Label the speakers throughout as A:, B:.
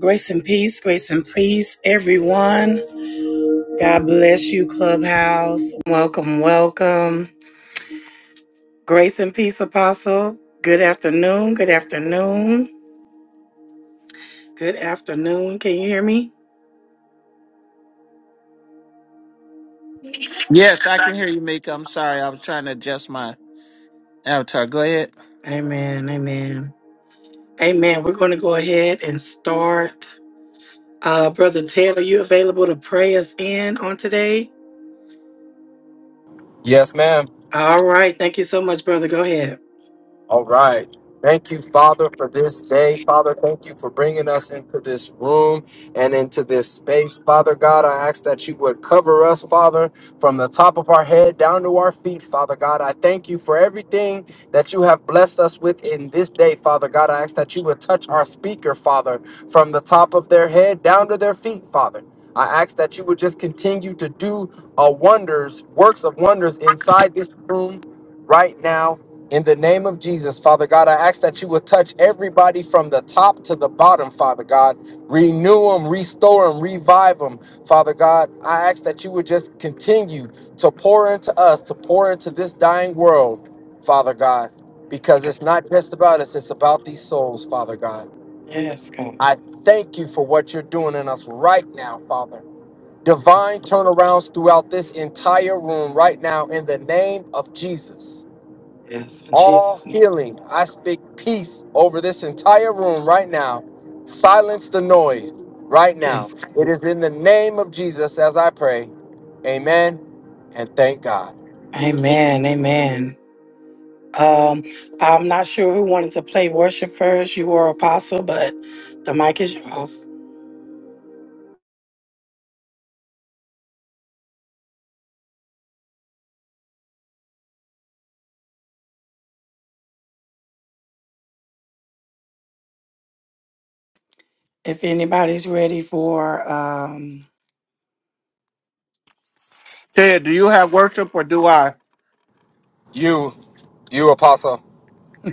A: Grace and peace, grace and peace, everyone. God bless you, Clubhouse. Welcome, welcome. Grace and peace, Apostle. Good afternoon, good afternoon, good afternoon. Can you hear me?
B: Yes, I can hear you, Mika. I'm sorry. I was trying to adjust my avatar. Go ahead.
A: Amen, amen. Amen. We're going to go ahead and start. Uh, Brother Ted, are you available to pray us in on today?
C: Yes, ma'am.
A: All right. Thank you so much, brother. Go ahead.
C: All right. Thank you, Father, for this day. Father, thank you for bringing us into this room and into this space. Father God, I ask that you would cover us, Father, from the top of our head down to our feet, Father God. I thank you for everything that you have blessed us with in this day, Father God. I ask that you would touch our speaker, Father, from the top of their head down to their feet, Father. I ask that you would just continue to do uh, wonders, works of wonders inside this room right now in the name of Jesus, Father God, I ask that you would touch everybody from the top to the bottom, Father God. Renew them, restore them, revive them, Father God. I ask that you would just continue to pour into us, to pour into this dying world, Father God,
A: Yes,
C: because
A: God.
C: it's not just about us, it's about these souls, Father God.
A: Yes, God.
C: I thank you for what you're doing in us right now, Father. Divine
A: Yes,
C: turnarounds throughout this entire room right now in the name of Jesus
A: yes in Jesus'
C: all
A: name.
C: healing. I speak peace over this entire room right now. Silence the noise right now.
A: Yes,
C: It is in the name of Jesus as I pray. Amen and thank God.
A: Amen. Amen. Um, I'm not sure who wanted to play worship first, you or Apostle, but the mic is yours. If anybody's ready for, um,
B: Ted, do you have worship or do I?
C: You, you apostle.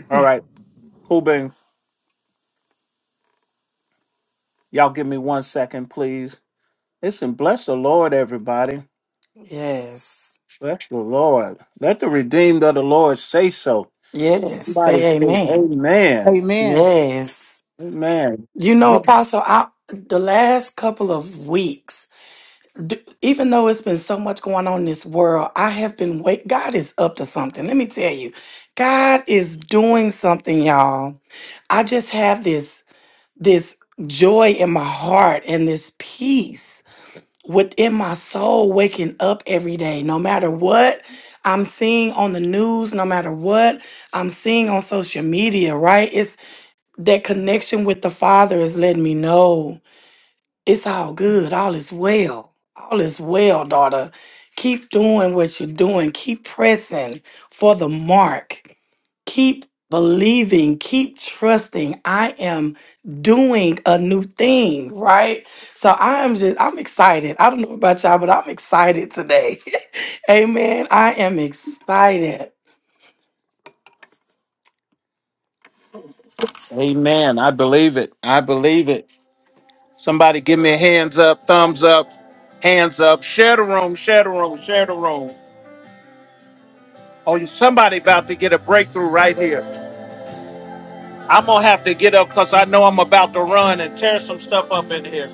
B: All right. Cool bean. Y'all give me one second, please. Listen, bless the Lord, everybody.
A: yes,
B: Bless the Lord. Let the redeemed of the Lord say so.
A: yes,
B: Somebody
A: say
B: say
A: amen.
B: amen.
D: Amen.
A: Yes.
B: Amen.
A: You know, Apostle, I, the last couple of weeks, d- even though it's been so much going on in this world, I have been wait. God is up to something. Let me tell you, God is doing something, y'all. I just have this this joy in my heart and this peace within my soul waking up every day no matter what i'm seeing on the news no matter what i'm seeing on social media right it's that connection with the father is letting me know it's all good all is well all is well daughter keep doing what you're doing keep pressing for the mark Keep believing, keep trusting. I am doing a new thing, right? So I am just, I'm excited. I don't know about y'all, but I'm excited today. amen. I am excited.
B: Amen. I believe it. I believe it. Somebody give me a hands up, thumbs up, hands up. Share the room, share the room, share the room. Oh, somebody about to get a breakthrough right here. I'm gonna have to get up because I know I'm about to run and tear some stuff up in here.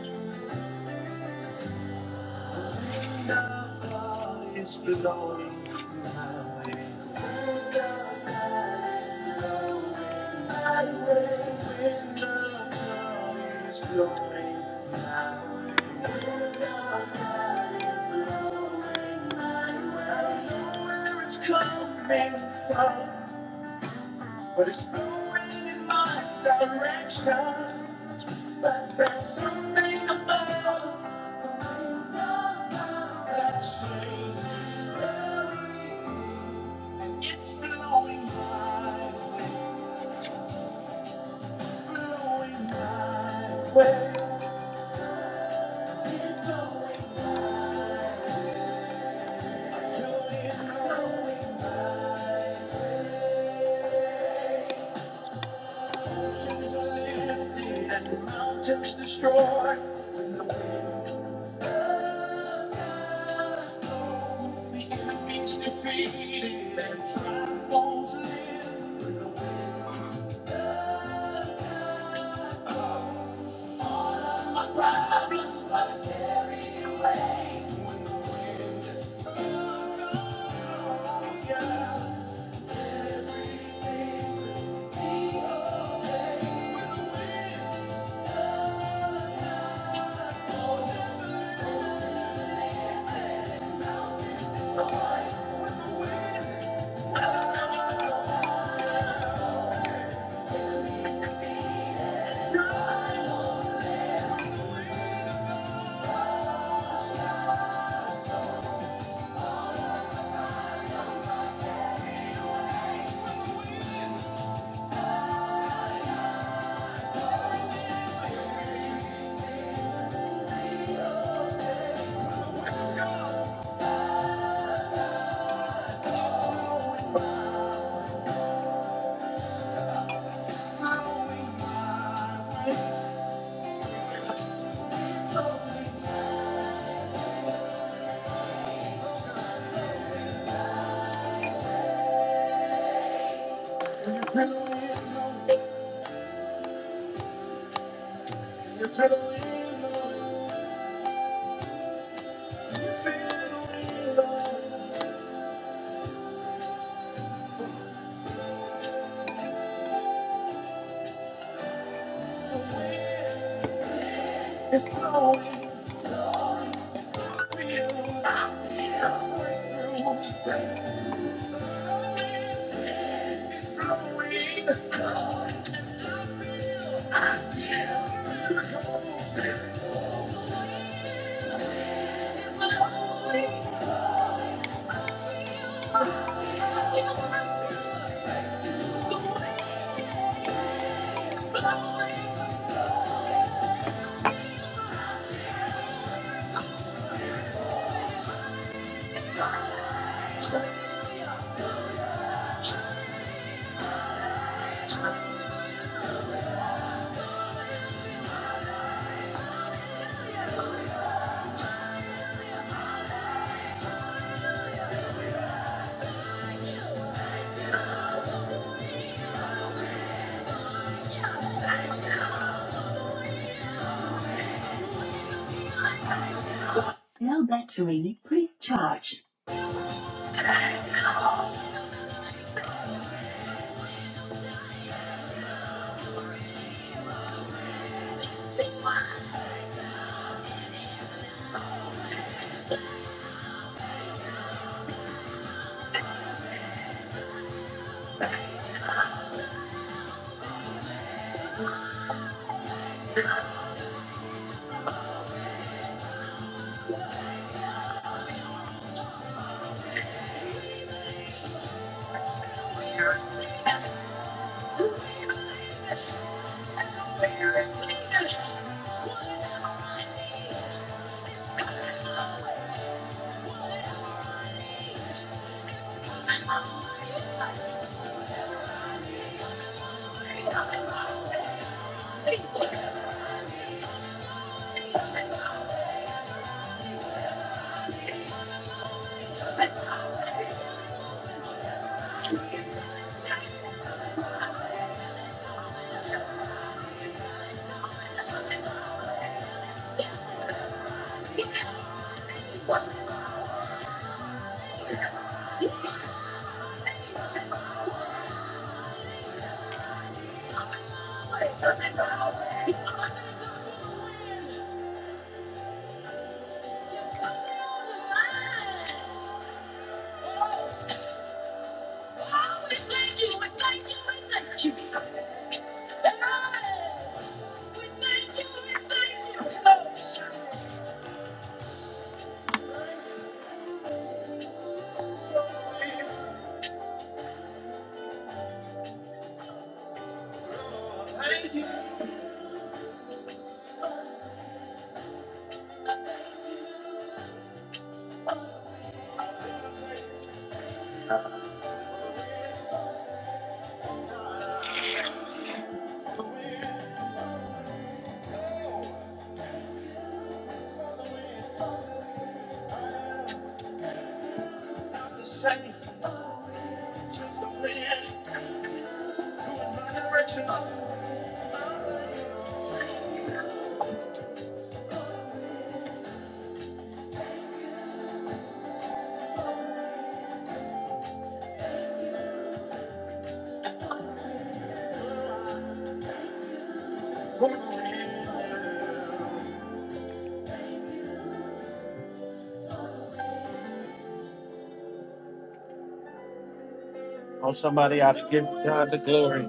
B: Oh, somebody ought to give God the glory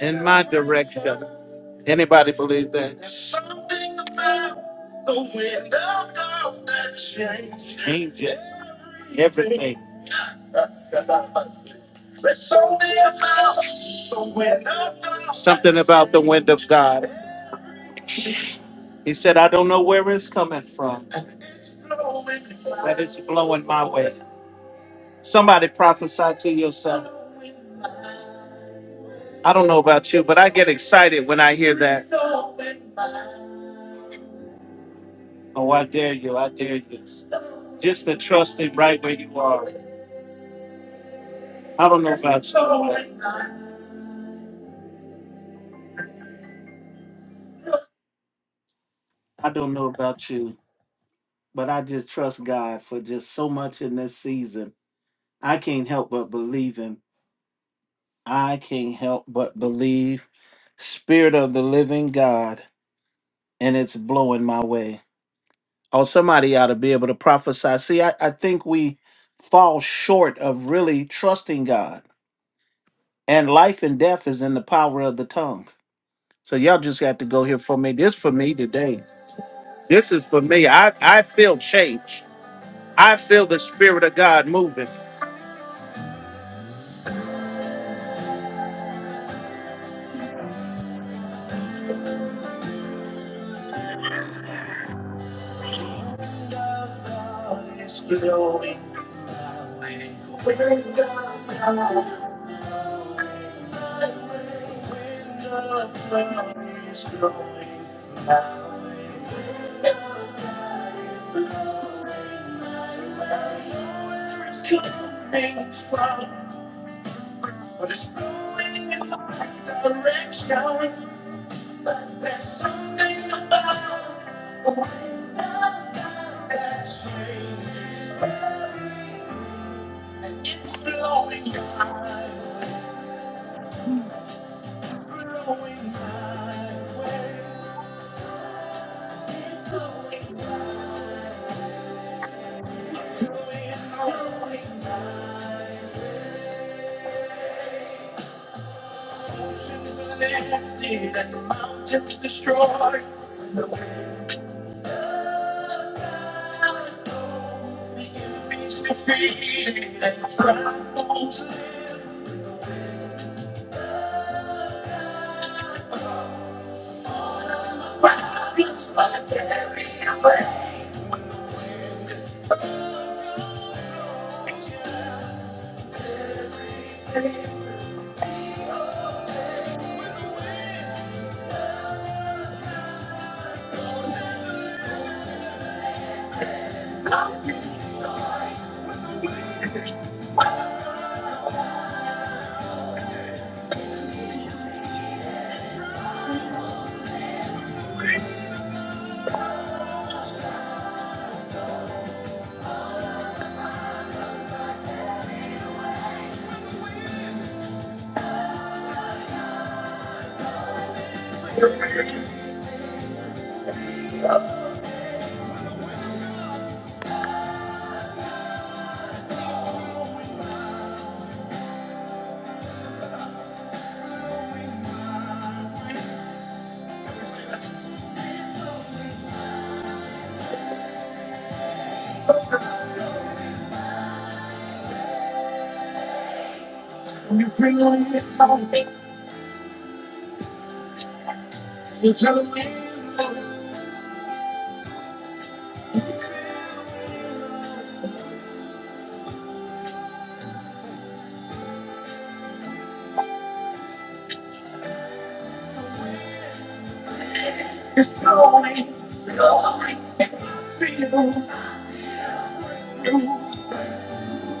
B: in my direction. Anybody believe that? There's something about the wind of God that Changes Changes everything. The wind of God. Something about the wind of God. He said, I don't know where it's coming from, but it's blowing my way. Somebody prophesy to yourself. I don't know about you, but I get excited when I hear that. Oh, I dare you. I dare you. Just to trust it right where you are. I don't know about you. I don't know about you, but I just trust God for just so much in this season. I can't help but believe Him. I can't help but believe. Spirit of the living God, and it's blowing my way. Oh, somebody ought to be able to prophesy. See, I, I think we fall short of really trusting God. And life and death is in the power of the tongue. So y'all just have to go here for me. This for me today. This is for me. I, I feel change. I feel the spirit of God moving.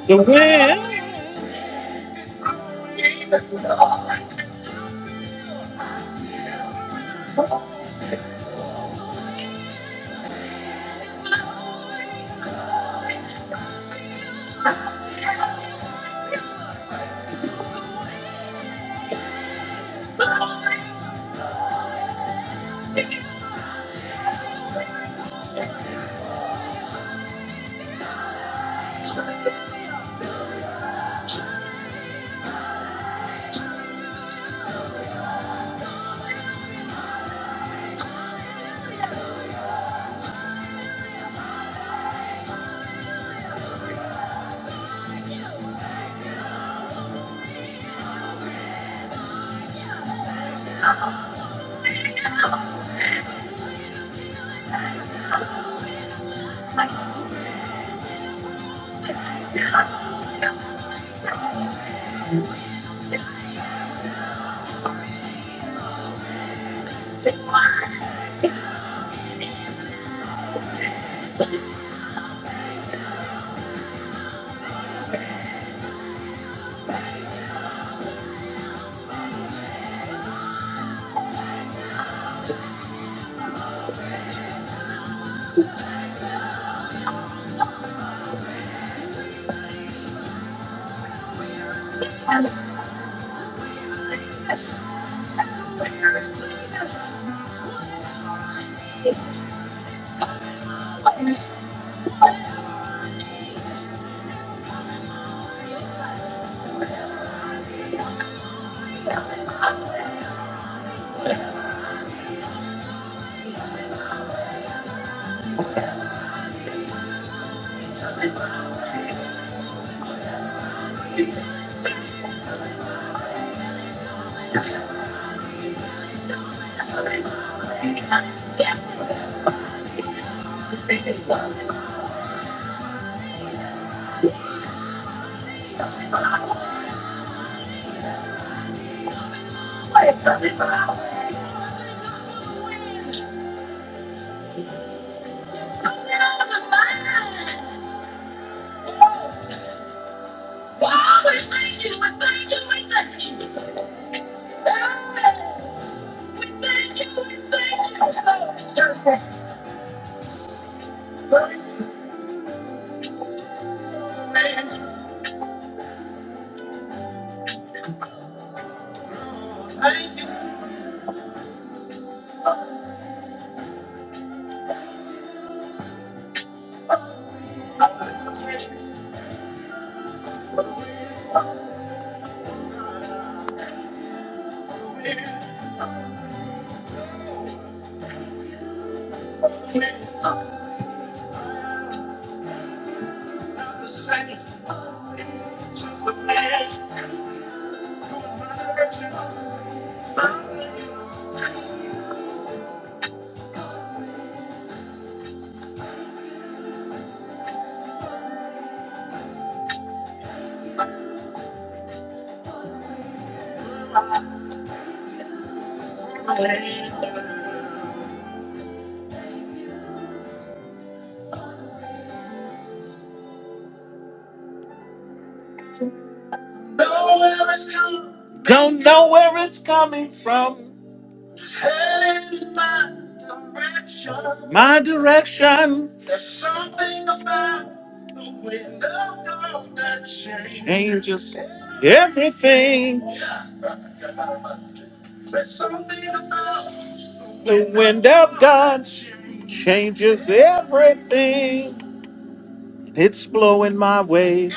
B: The wind don't know where it's coming from. My direction. The wind of God that changes everything. The wind of God changes everything. It's blowing my way.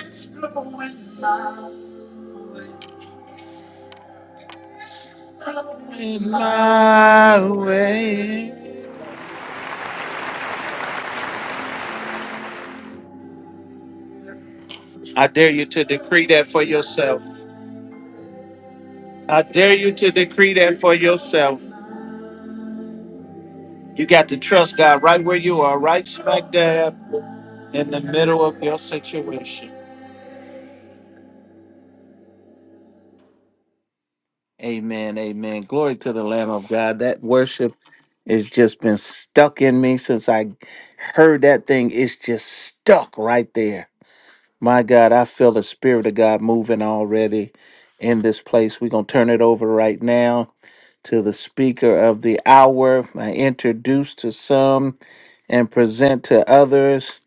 B: In my way. I dare you to decree that for yourself. I dare you to decree that for yourself. You got to trust God right where you are, right smack dab in the middle of your situation. Amen. Amen. Glory to the Lamb of God. That worship has just been stuck in me since I heard that thing. It's just stuck right there. My God, I feel the Spirit of God moving already in this place. We're going to turn it over right now to the speaker of the hour. I introduce to some and present to others.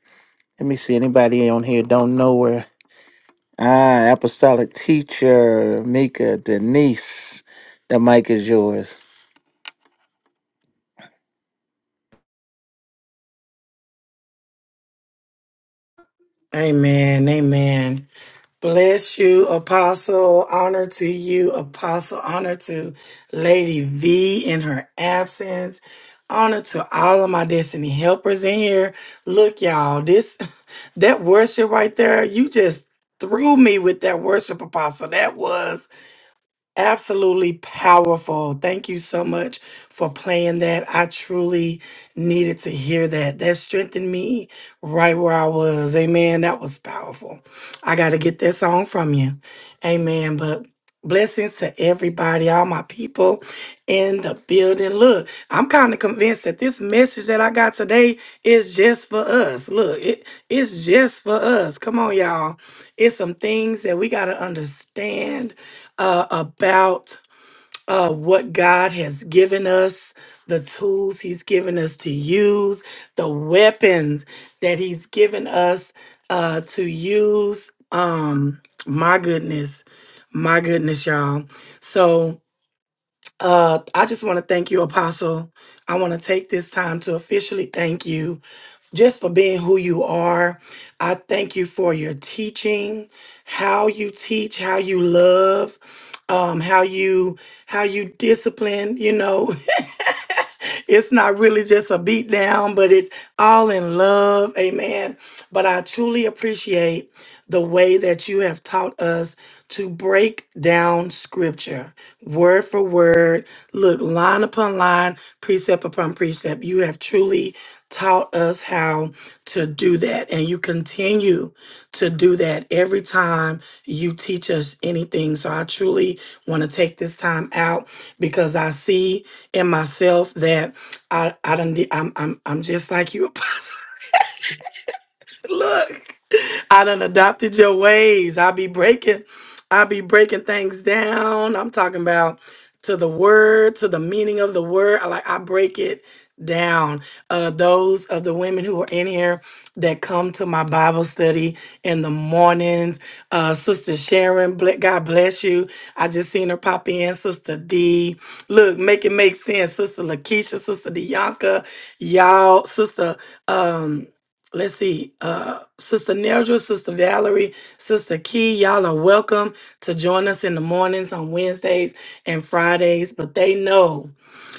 B: Let me see anybody on here don't know her. Ah, apostolic teacher, Mika, Denise. The mic is yours.
A: Amen. Amen. Bless you, Apostle. Honor to you, Apostle. Honor to Lady V in her absence. Honor to all of my destiny helpers in here. Look, y'all, this that worship right there, you just threw me with that worship, Apostle. That was Absolutely powerful. Thank you so much for playing that. I truly needed to hear that. That strengthened me right where I was. Amen. That was powerful. I got to get that song from you. Amen. But blessings to everybody, all my people in the building. Look, I'm kind of convinced that this message that I got today is just for us. Look, it, it's just for us. Come on, y'all. It's some things that we got to understand uh, about uh, what God has given us, the tools He's given us to use, the weapons that He's given us uh, to use. Um, my goodness, my goodness, y'all. So, uh, I just want to thank you, Apostle. I want to take this time to officially thank you just for being who you are. I thank you for your teaching, how you teach, how you love, um, how you how you discipline. You know, it's not really just a beat down, but it's all in love. Amen. But I truly appreciate the way that you have taught us to break down scripture word for word, look line upon line, precept upon precept. You have truly taught us how to do that, and you continue to do that every time you teach us anything. So, I truly want to take this time out because I see in myself that I, I don't, I'm, I'm, I'm just like you, Apostle. Look. I done adopted your ways. I be breaking, I be breaking things down. I'm talking about to the word, to the meaning of the word. I like I break it down. Uh those of the women who are in here that come to my Bible study in the mornings. Uh Sister Sharon, ble- God bless you. I just seen her pop in, Sister D. Look, make it make sense. Sister Lakeisha, Sister Dianca, y'all, Sister um Let's see, uh, Sister Neldra, Sister Valerie, Sister Key, y'all are welcome to join us in the mornings on Wednesdays and Fridays. But they know,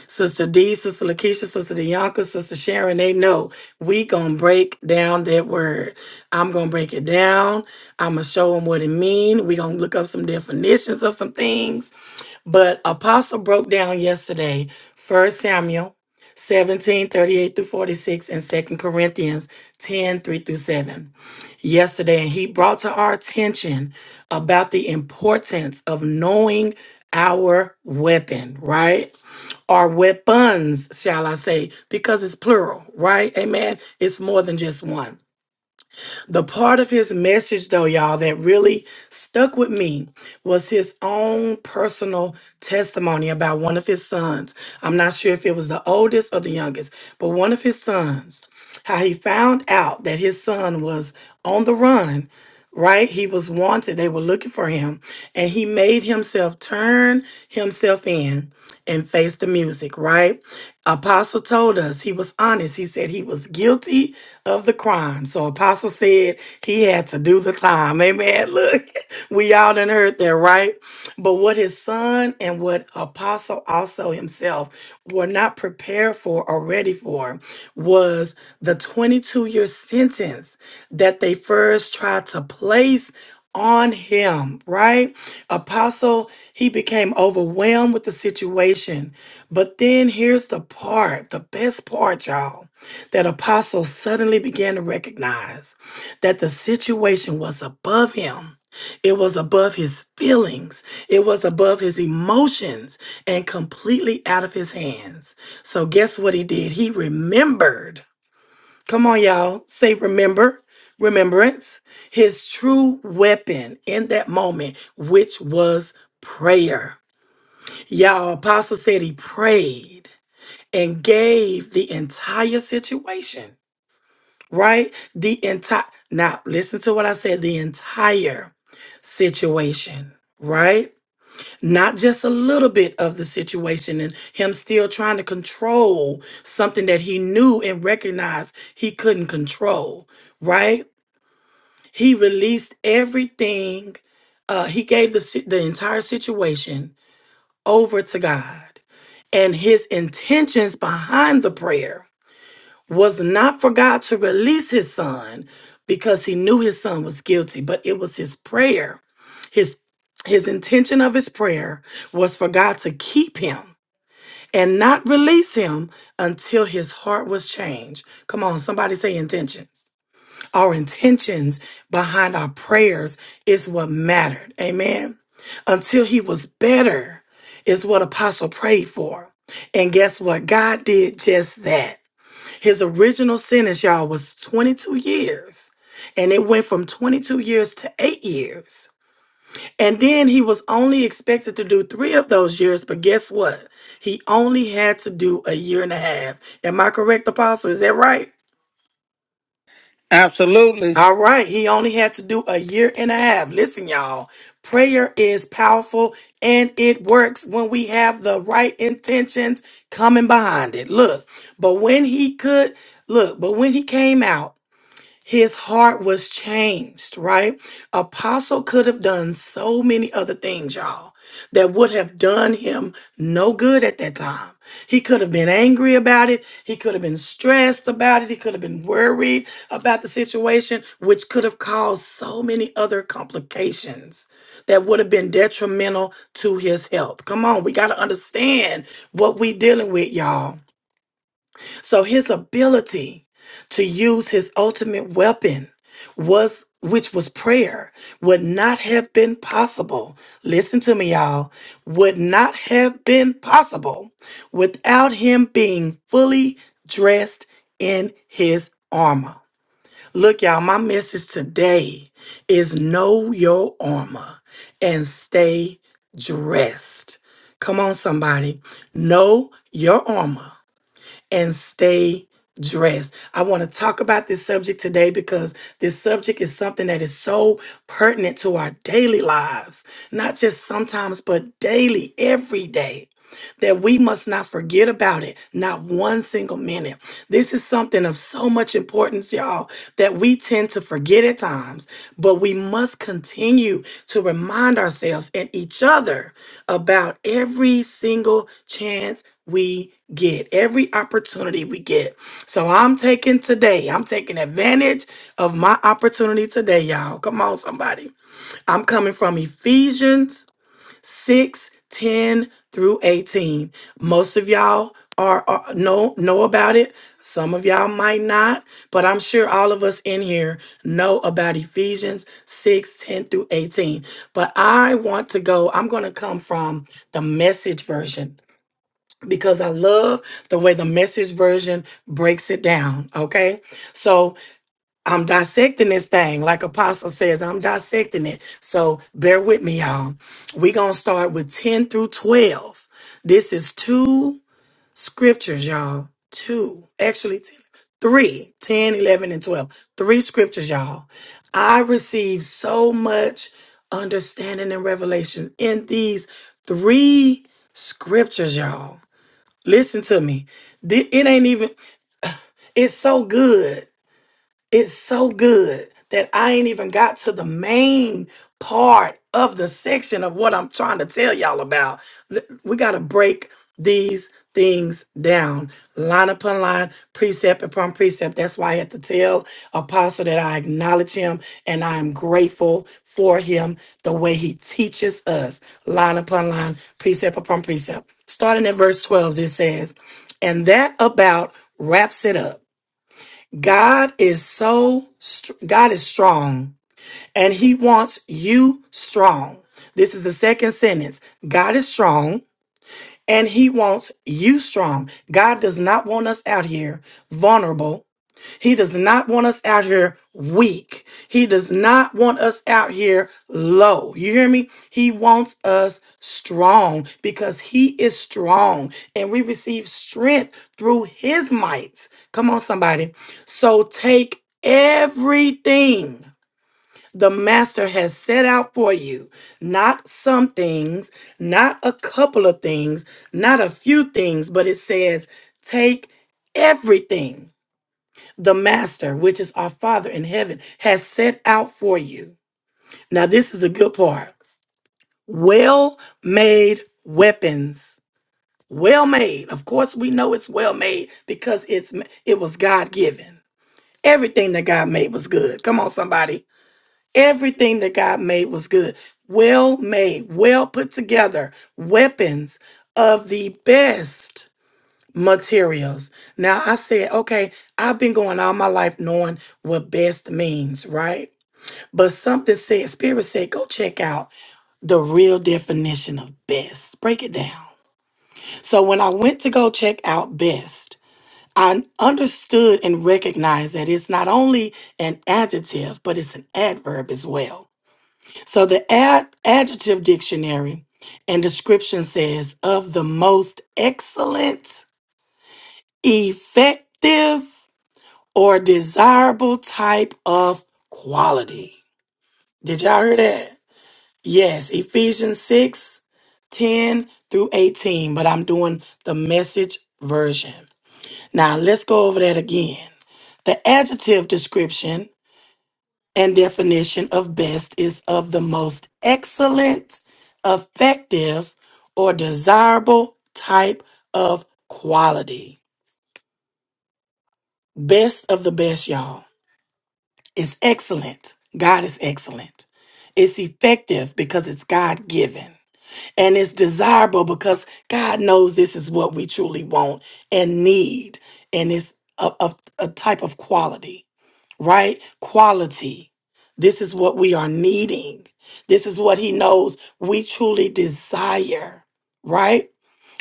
A: Sister D, Sister Lakeisha, Sister Deonka, Sister Sharon, they know we gonna break down that word. I'm gonna break it down. I'm gonna show them what it mean. We gonna look up some definitions of some things but Apostle broke down yesterday First Samuel 17 38 through 46, and Second Corinthians 10 3 through 7. Yesterday, and he brought to our attention about the importance of knowing our weapon, right? Our weapons, shall I say, because it's plural, right? Amen. It's more than just one. The part of his message, though, y'all, that really stuck with me was his own personal testimony about one of his sons. I'm not sure if it was the oldest or the youngest, but one of his sons, how he found out that his son was on the run right? He was wanted. They were looking for him. And he made himself turn himself in and face the music, right? Apostle told us he was honest. He said he was guilty of the crime. So Apostle said he had to do the time. Amen. Look, we all done heard that, right? But what his son and what what Apostle also himself were not prepared for or ready for was the 22 year sentence that they first tried to place on him, right? Apostle, he became overwhelmed with the situation. But then here's the part, the best part, y'all, that Apostle suddenly began to recognize that the situation was above him it was above his feelings. It was above his emotions and completely out of his hands. So, guess what he did? He remembered. Come on, y'all. Say remember. Remembrance. His true weapon in that moment, which was prayer. Y'all, Apostle said he prayed and gave the entire situation, right? The entire, now listen to what I said the entire situation, right? not just a little bit of the situation and him still trying to control something that he knew and recognized he couldn't control, right? He released everything. Uh, he gave the, si- the entire situation over to God. And his intentions behind the prayer was not for God to release his son because he knew his son was guilty, but it was his prayer his his intention of his prayer was for God to keep him and not release him until his heart was changed. Come on, somebody say intentions. Our intentions behind our prayers is what mattered. Amen. Until he was better is what apostle prayed for. And guess what? God did just that. His original sentence, y'all, was 22 years. And it went from 22 years to eight years. And then he was only expected to do three of those years, but guess what? He only had to do a year and a half. Am I correct, Apostle? Is that right?
B: Absolutely.
A: All right, he only had to do a year and a half. Listen, y'all, prayer is powerful and it works when we have the right intentions coming behind it. Look, but when he could, look, but when he came out, his heart was changed, right? Apostle could have done so many other things, y'all, that would have done him no good at that time. He could have been angry about it. He could have been stressed about it. He could have been worried about the situation, which could have caused so many other complications that would have been detrimental to his health. Come on, we got to understand what we dealing with, y'all. So his ability to use his ultimate weapon was which was prayer would not have been possible. Listen to me y'all, would not have been possible without him being fully dressed in his armor. Look y'all, my message today is know your armor and stay dressed. Come on somebody, know your armor and stay dressed. I want to talk about this subject today because this subject is something that is so pertinent to our daily lives, not just sometimes, but daily, every day that we must not forget about it, not one single minute. This is something of so much importance, y'all, that we tend to forget at times, but we must continue to remind ourselves and each other about every single chance we get, every opportunity we get. So I'm taking today, I'm taking advantage of my opportunity today, y'all. Come on, somebody. I'm coming from Ephesians 6, 10 through 18. Most of y'all are, are know know about it. Some of y'all might not, but I'm sure all of us in here know about Ephesians 6, 10 through 18. But I want to go, I'm gonna come from the message version because I love the way the message version breaks it down. Okay. So I'm dissecting this thing, like Apostle says, I'm dissecting it. So bear with me, y'all. We're going to start with 10 through 12. This is two scriptures, y'all. Two, actually, 10, three, 10, eleven, and 12. Three scriptures, y'all. I received so much understanding and revelation in these three scriptures, y'all. Listen to me. Th- It ain't even, it's so good it's so good that I ain't even got to the main part of the section of what I'm trying to tell y'all about. Th- We got to break these things down line upon line, precept upon precept. That's why I had to tell Apostle that I acknowledge him and I am grateful for him the way he teaches us line upon line, precept upon precept. Starting at verse 12, it says, And that about wraps it up. God is so str- God is strong and he wants you strong. This is the second sentence. God is strong and he wants you strong. God does not want us out here vulnerable he does not want us out here weak. He does not want us out here low. You hear me? He wants us strong because he is strong and we receive strength through his might. Come on, somebody. So take everything the master has set out for you, not some things, not a couple of things, not a few things, but it says, take everything the Master, which is our Father in heaven, has set out for you. Now, this is a good part. Well made weapons. Well made. Of course, we know it's well made because it's it was God given. Everything that God made was good. Come on, somebody. Everything that God made was good. Well made, well put together weapons of the best materials. Now I said, okay, I've been going all my life knowing what best means, right? But something said, Spirit said, go check out the real definition of best. Break it down. So when I went to go check out best, I understood and recognized that it's not only an adjective, but it's an adverb as well. So the ad- adjective dictionary and description says of the most excellent, effective, or desirable type of quality. Did y'all hear that? Yes, Ephesians 6, 10 through 18, but I'm doing the message version. Now let's go over that again. The adjective description and definition of best is of the most excellent, effective, or desirable type of quality. Best of the best, y'all. is excellent. God is excellent. It's effective because it's God given. And it's desirable because God knows this is what we truly want and need. And it's a, a, a type of quality, right? Quality. This is what we are needing. This is what He knows we truly desire, right?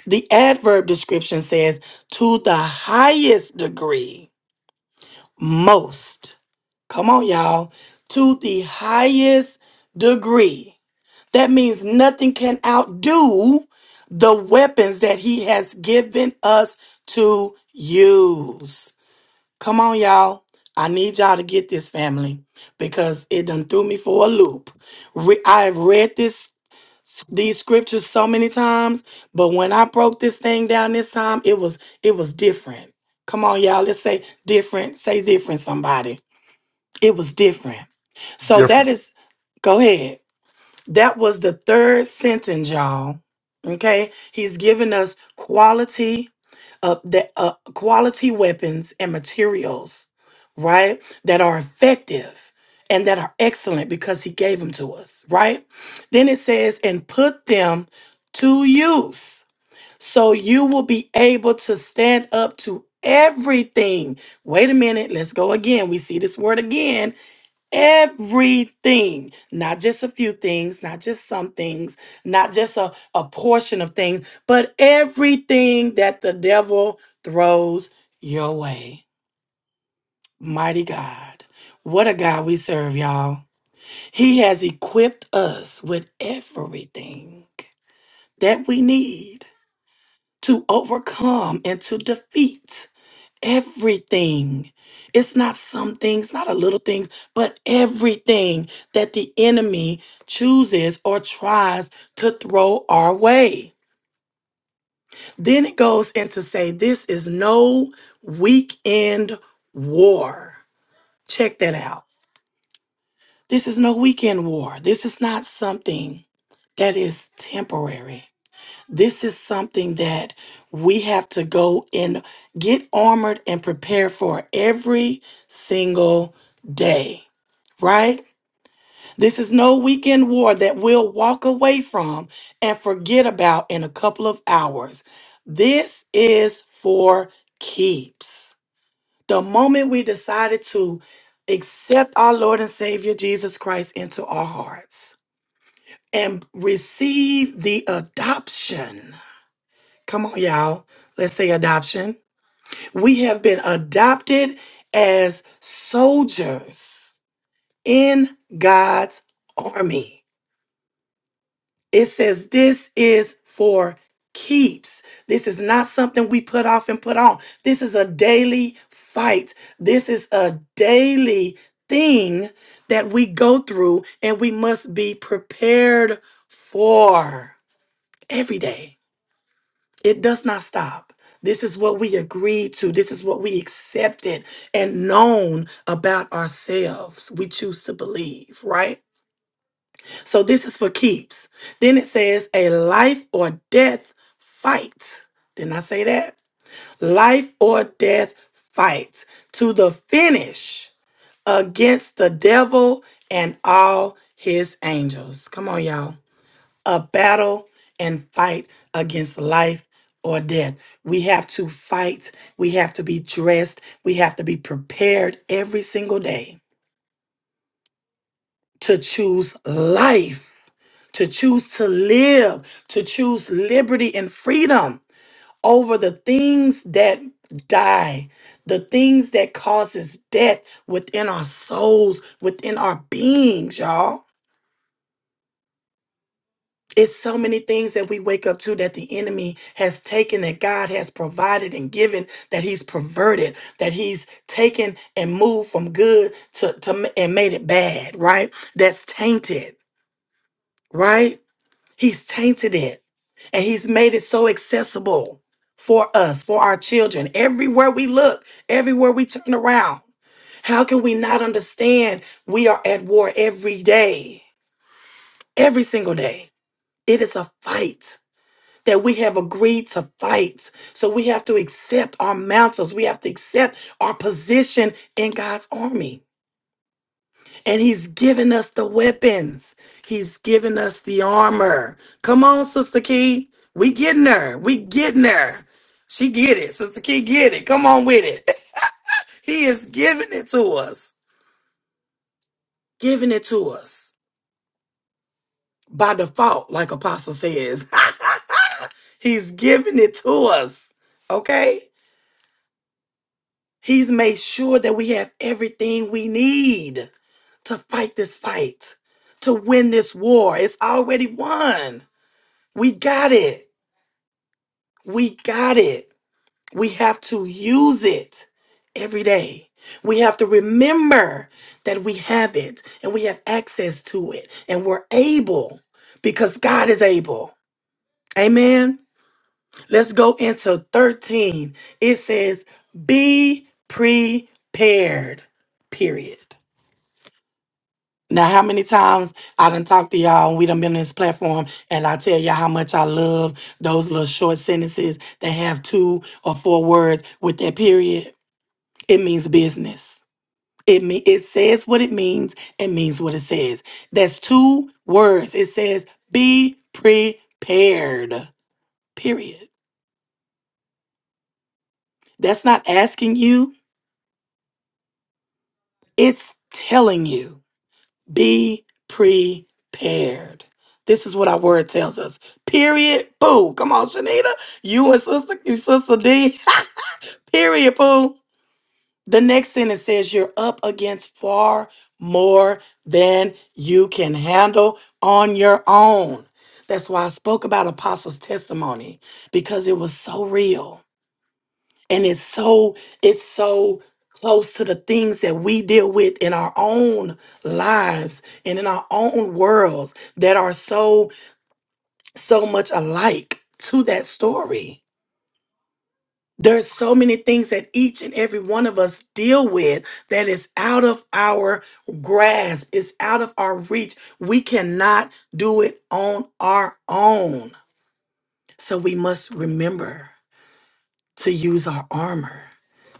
A: The adverb description says, to the highest degree most. Come on, y'all. To the highest degree. That means nothing can outdo the weapons that he has given us to use. Come on, y'all. I need y'all to get this family because it done threw me for a loop. Re- I've read this these scriptures so many times, but when I broke this thing down this time, it was it was different. Come on, y'all. Let's say different. Say different, somebody. It was different. So that
E: Difference.
A: is, go ahead. That was the third sentence, y'all. Okay, he's given us quality of the uh, quality weapons and materials, right? That are effective and that are excellent because he gave them to us, right? Then it says, and put them to use, so you will be able to stand up to everything. Wait a minute, let's go again. We see this word again everything, not just a few things, not just some things, not just a, a portion of things, but everything that the devil throws your way. Mighty God. What a God we serve, y'all. He has equipped us with everything that we need to overcome and to defeat everything. It's not some things, not a little things, but everything that the enemy chooses or tries to throw our way. Then it goes into say, this is no weekend war. Check that out. This is no weekend war. This is not something that is temporary. This is something that we have to go and get armored and prepare for every single day, right? This is no weekend war that we'll walk away from and forget about in a couple of hours. This is for keeps. The moment we decided to accept our Lord and Savior Jesus Christ into our hearts and receive the adoption Come on, y'all. Let's say adoption. We have been adopted as soldiers in God's army. It says this is for keeps. This is not something we put off and put on. This is a daily fight. This is a daily thing that we go through and we must be prepared for every day. It does not stop. This is what we agreed to. This is what we accepted and known about ourselves. We choose to believe, right? So this is for keeps. Then it says a life or death fight. Didn't I say that? Life or death fight to the finish against the devil and all his angels. Come on, y'all a battle and fight against life or death. We have to fight. We have to be dressed. We have to be prepared every single day to choose life, to choose to live, to choose liberty and freedom over the things that die, the things that causes death within our souls, within our beings, y'all. it's so many things that we wake up to that the enemy has taken that God has provided and given that he's perverted that he's taken and moved from good to, to m- and made it bad right that's tainted right he's tainted it and he's made it so accessible for us for our children everywhere we look everywhere we turn around how can we not understand we are at war every day every single day it is a fight that we have agreed to fight. So we have to accept our mantles. We have to accept our position in God's army. And He's given us the weapons. He's given us the armor. Come on, Sister Key. We getting her. We getting her. She get it. Sister Key get it. Come on with it. He is giving it to us. Giving it to us by default, like Apostle says. He's giving it to us. Okay? He's made sure that we have everything we need to fight this fight, to win this war. It's already won. We got it. We got it. We have to use it every day. We have to remember that we have it and we have access to it and we're able because God is able. Amen. Let's go into 13. It says, Be prepared, period. Now, how many times I done talked to y'all and we done been on this platform and I tell y'all how much I love those little short sentences that have two or four words with that period. It means business. It me. it says what it means. It means what it says. That's two words. It says be prepared. Period. That's not asking you. It's telling you. Be prepared. This is what our word tells us. Period. Boo. Come on, Shanita. You and sister, you sister D. Period. Boo. The next sentence says you're up against far more than you can handle on your own. That's why I spoke about Apostles' testimony because it was so real and it's so it's so close to the things that we deal with in our own lives and in our own worlds that are so so much alike to that story there's so many things that each and every one of us deal with that is out of our grasp is out of our reach we cannot do it on our own so we must remember to use our armor,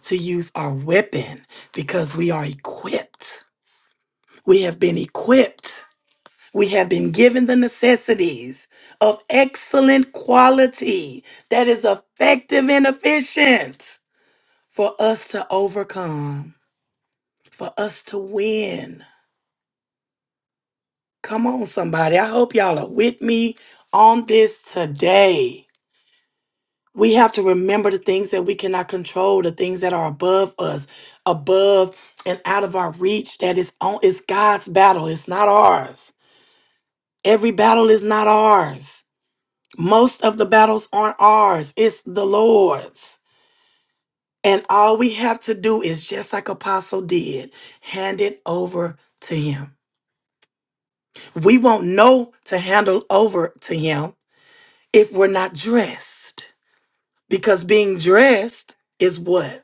A: to use our weapon, because we are equipped. We have been equipped. We have been given the necessities of excellent quality that is effective and efficient for us to overcome, for us to win. Come on, somebody. I hope y'all are with me on this today. we have to remember the things that we cannot control, the things that are above us, above and out of our reach. That is on it's God's battle. It's not ours. Every battle is not ours. Most of the battles aren't ours. It's the Lord's. And all we have to do is just like Apostle did, hand it over to him. We won't know to handle over to him if we're not dressed. Because being dressed is what?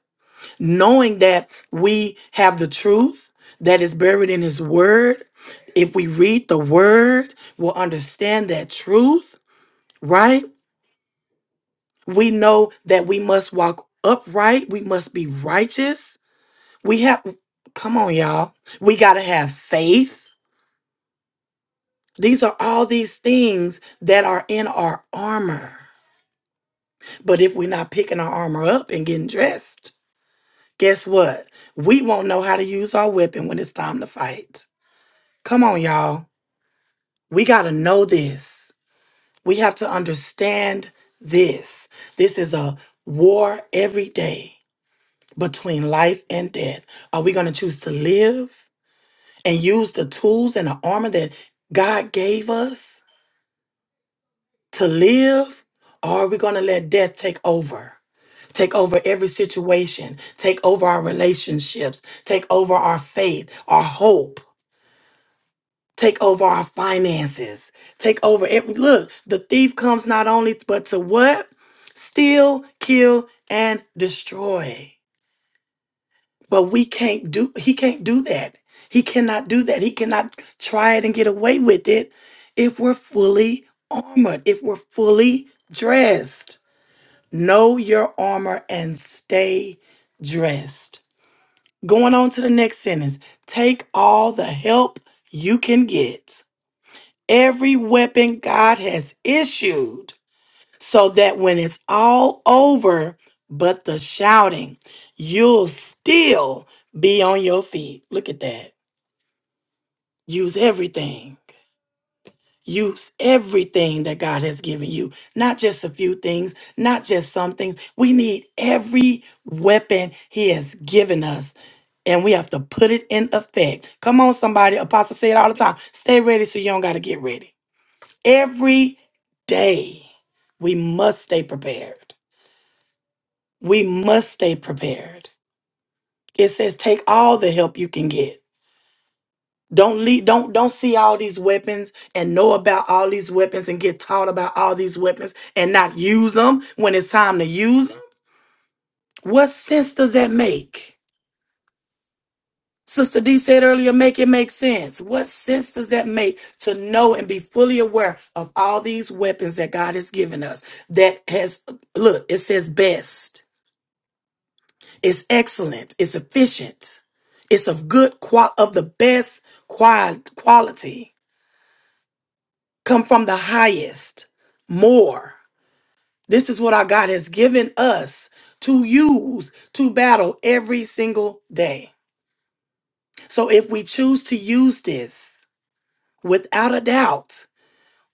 A: knowing that we have the truth that is buried in his word if we read the word we'll understand that truth right we know that we must walk upright we must be righteous we have come on y'all we got to have faith these are all these things that are in our armor but if we're not picking our armor up and getting dressed guess what we won't know how to use our weapon when it's time to fight come on y'all We got to know this. We have to understand this. This is a war every day between life and death. Are we going to choose to live and use the tools and the armor that God gave us to live? Or are we going to let death take over? Take over every situation, take over our relationships, take over our faith, our hope. take over our finances, take over every look. The thief comes not only but to what? Steal, kill, and destroy. But we can't do he can't do that. He cannot do that. He cannot try it and get away with it if we're fully armored, if we're fully dressed. Know your armor and stay dressed. Going on to the next sentence. Take all the help you can get every weapon God has issued so that when it's all over, but the shouting, you'll still be on your feet. Look at that. Use everything. Use everything that God has given you, not just a few things, not just some things. We need every weapon He has given us, and we have to put it in effect. Come on, somebody. Apostle say it all the time. Stay ready so you don't got to get ready. Every day, we must stay prepared. We must stay prepared. It says take all the help you can get. Don't lead, don't don't see all these weapons and know about all these weapons and get taught about all these weapons and not use them when it's time to use them. What sense does that make? Sister D said earlier, make it make sense. What sense does that make to know and be fully aware of all these weapons that God has given us? That has look, it says best. It's excellent. It's efficient. It's of good qual of the best qual- quality. Come from the highest. More. This is what our God has given us to use to battle every single day. So if we choose to use this, without a doubt,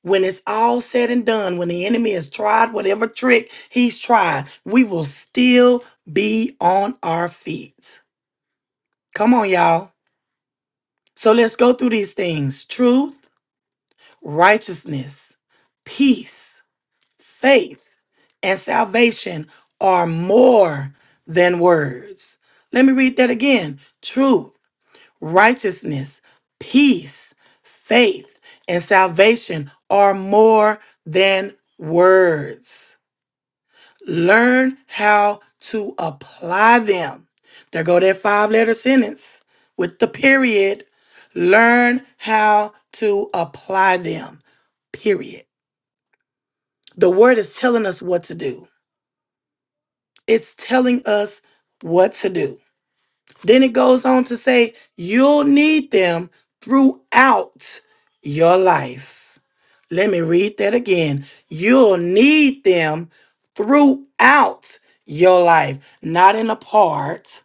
A: when it's all said and done, when the enemy has tried whatever trick he's tried, we will still be on our feet. Come on, y'all. So let's go through these things truth, righteousness, peace, faith, and salvation are more than words. Let me read that again truth, righteousness, peace, faith, and salvation are more than words. Learn how to apply them. There go that five letter sentence with the period. Learn how to apply them. Period. The word is telling us what to do. It's telling us what to do. Then it goes on to say, you'll need them throughout your life. Let me read that again. You'll need them throughout your life, not in a part,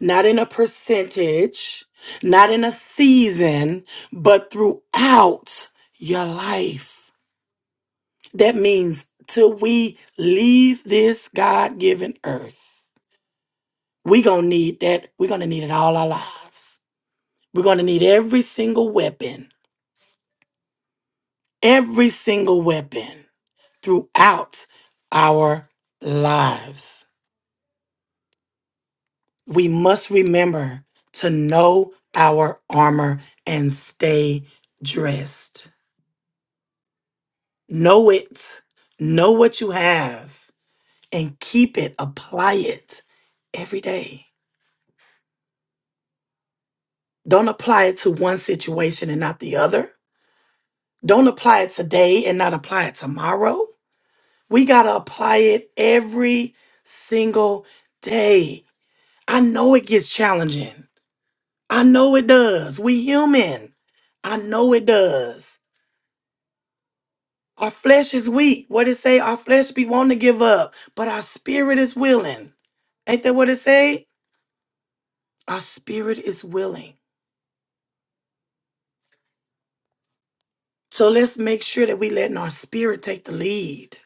A: not in a percentage, not in a season, but throughout your life. That means till we leave this God given earth, we're going to need that. We're going to need it all our lives. We're going to need every single weapon, every single weapon throughout our lives. We must remember to know our armor and stay dressed. Know it, know what you have, and keep it, apply it every day. Don't apply it to one situation and not the other. Don't apply it today and not apply it tomorrow. We got to apply it every single day. I know it gets challenging. I know it does. We human. I know it does. Our flesh is weak. What it say? Our flesh be wanting to give up, but our spirit is willing. Ain't that what it say? Our spirit is willing. So let's make sure that we letting our spirit take the lead.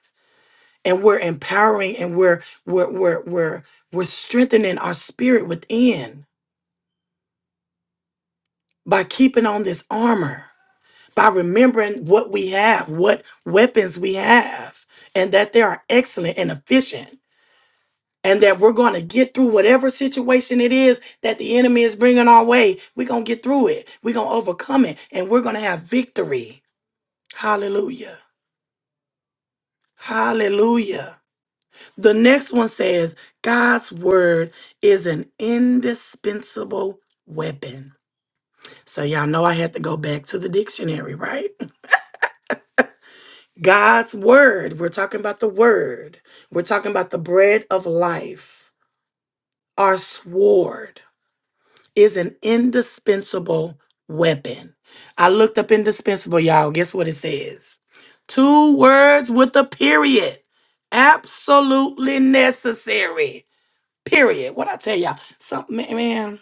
A: And we're empowering and we're we're we're we're we're strengthening our spirit within by keeping on this armor. by remembering what we have, what weapons we have, and that they are excellent and efficient, and that we're going to get through whatever situation it is that the enemy is bringing our way. We're going to get through it, we're going to overcome it, and we're going to have victory. Hallelujah. Hallelujah. The next one says, God's word is an indispensable weapon. So, y'all know I had to go back to the dictionary, right? God's word, we're talking about the word, we're talking about the bread of life. Our sword is an indispensable weapon. I looked up indispensable, y'all. Guess what it says? Two words with a period. Absolutely necessary. Period. What I tell y'all, something, man. man,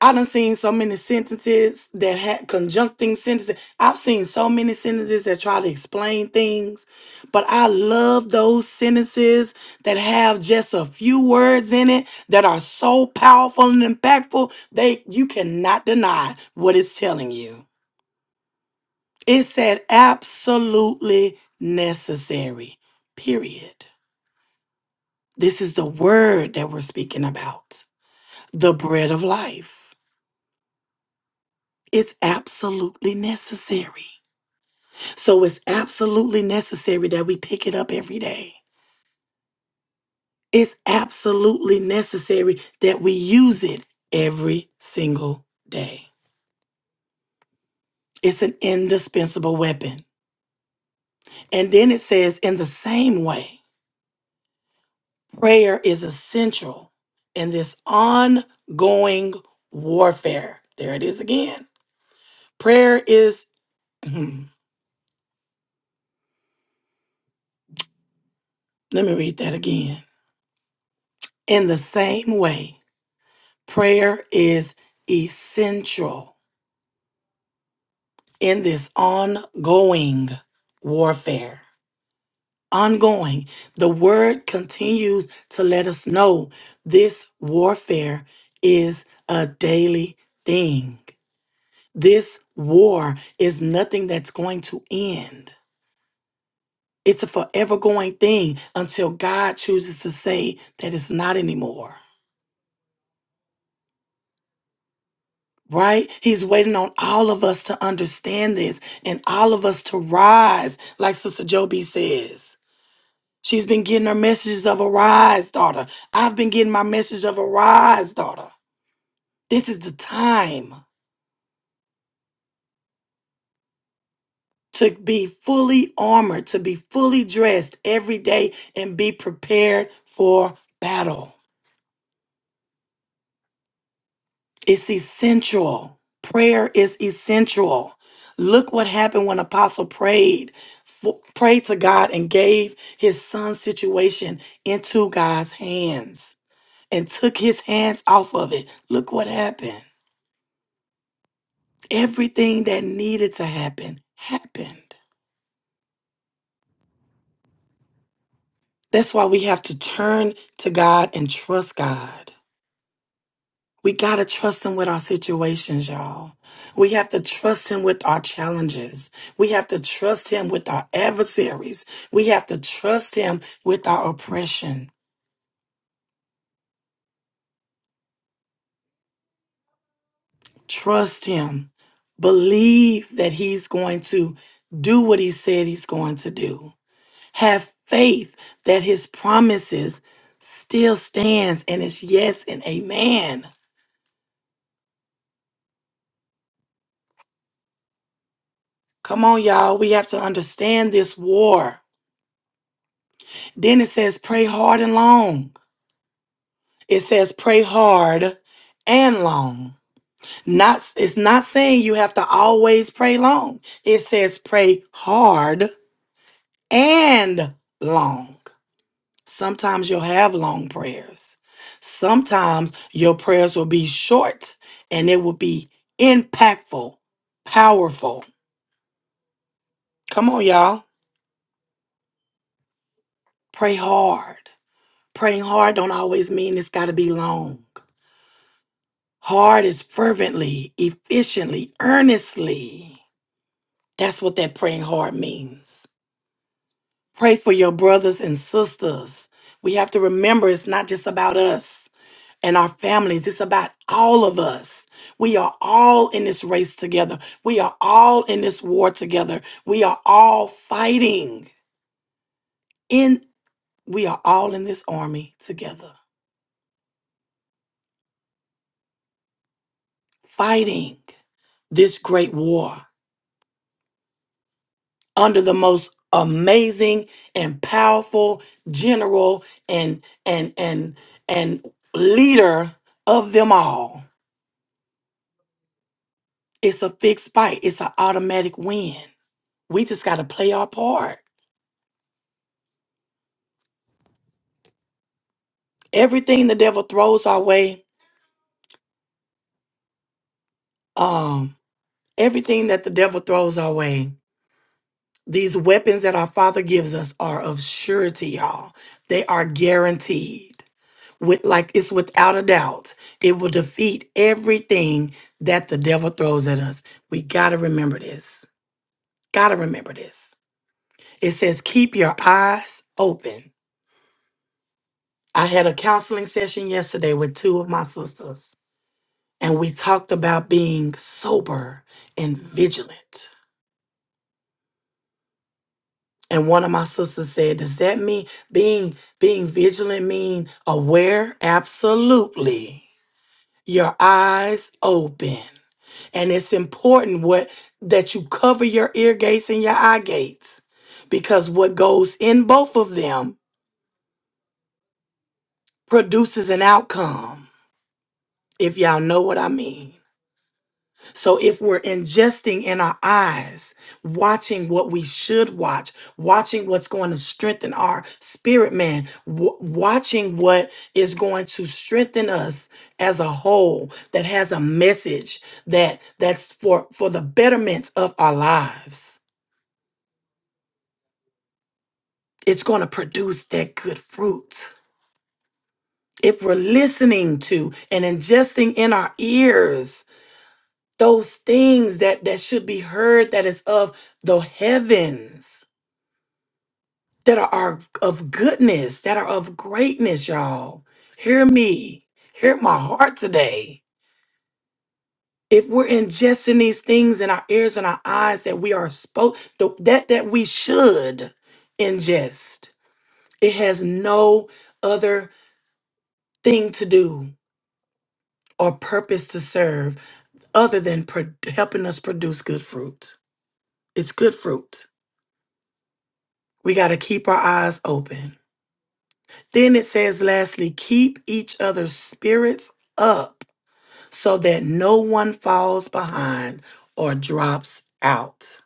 A: I done seen so many sentences that had conjuncting sentences. I've seen so many sentences that try to explain things, but I love those sentences that have just a few words in it that are so powerful and impactful. They you cannot deny what it's telling you. It said absolutely necessary. Period. This is the word that we're speaking about. The bread of life. It's absolutely necessary. So it's absolutely necessary that we pick it up every day. It's absolutely necessary that we use it every single day. It's an indispensable weapon. And then it says, in the same way, prayer is essential in this ongoing warfare. There it is again. Prayer is, let me read that again. In the same way, prayer is essential in this ongoing warfare. Ongoing. The word continues to let us know this warfare is a daily thing. This war is nothing that's going to end. It's a forever going thing until God chooses to say that it's not anymore. Right? He's waiting on all of us to understand this and all of us to rise, like Sister Joby says. She's been getting her messages of arise, daughter. I've been getting my message of arise, daughter. This is the time to be fully armored, to be fully dressed every day and be prepared for battle. It's essential. Prayer is essential. Look what happened when Apostle prayed, for, prayed to God and gave his son's situation into God's hands and took his hands off of it. Look what happened. Everything that needed to happen happened. That's why we have to turn to God and trust God. We got to trust Him with our situations, y'all. We have to trust Him with our challenges. We have to trust Him with our adversaries. We have to trust Him with our oppression. Trust Him. Believe that He's going to do what He said He's going to do. Have faith that his promises still stands and it's yes and amen. Come on, y'all. We have to understand this war. Then it says pray hard and long. It says pray hard and long. Not it's not saying you have to always pray long. It says pray hard and long. Sometimes you'll have long prayers. Sometimes your prayers will be short and it will be impactful, powerful. Come on, y'all. Pray hard. Praying hard don't always mean it's got to be long. Hard is fervently, efficiently, earnestly. That's what that praying hard means. Pray for your brothers and sisters. We have to remember it's not just about us. and our families. It's about all of us. We are all in this race together. We are all in this war together. We are all fighting in we are all in this army together, fighting this great war under the most amazing and powerful general and and and and leader of them all. It's a fixed fight. It's an automatic win. We just got to play our part everything the devil throws our way, um, everything that the devil throws our way, these weapons that our Father gives us are of surety, y'all. They are guaranteed. With like it's without a doubt. It will defeat everything that the devil throws at us. We gotta remember this. Gotta remember this. It says, keep your eyes open. I had a counseling session yesterday with two of my sisters, and we talked about being sober and vigilant. and one of my sisters said, "Does that mean being being vigilant mean aware?" Absolutely. Your eyes open. And it's important what that you cover your ear gates and your eye gates because what goes in both of them produces an outcome. If y'all know what I mean. So if we're ingesting in our eyes, watching what we should watch, watching what's going to strengthen our spirit man, w- watching what is going to strengthen us as a whole that has a message that that's for for the betterment of our lives. It's going to produce that good fruit. If we're listening to and ingesting in our ears those things that that should be heard that is of the heavens that are of goodness, that are of greatness, y'all. Hear me. Hear my heart today. If we're ingesting these things in our ears and our eyes that we are spoke that that we should ingest, it has no other thing to do or purpose to serve other than pro- helping us produce good fruit. It's good fruit. We got to keep our eyes open. Then it says, lastly, keep each other's spirits up so that no one falls behind or drops out.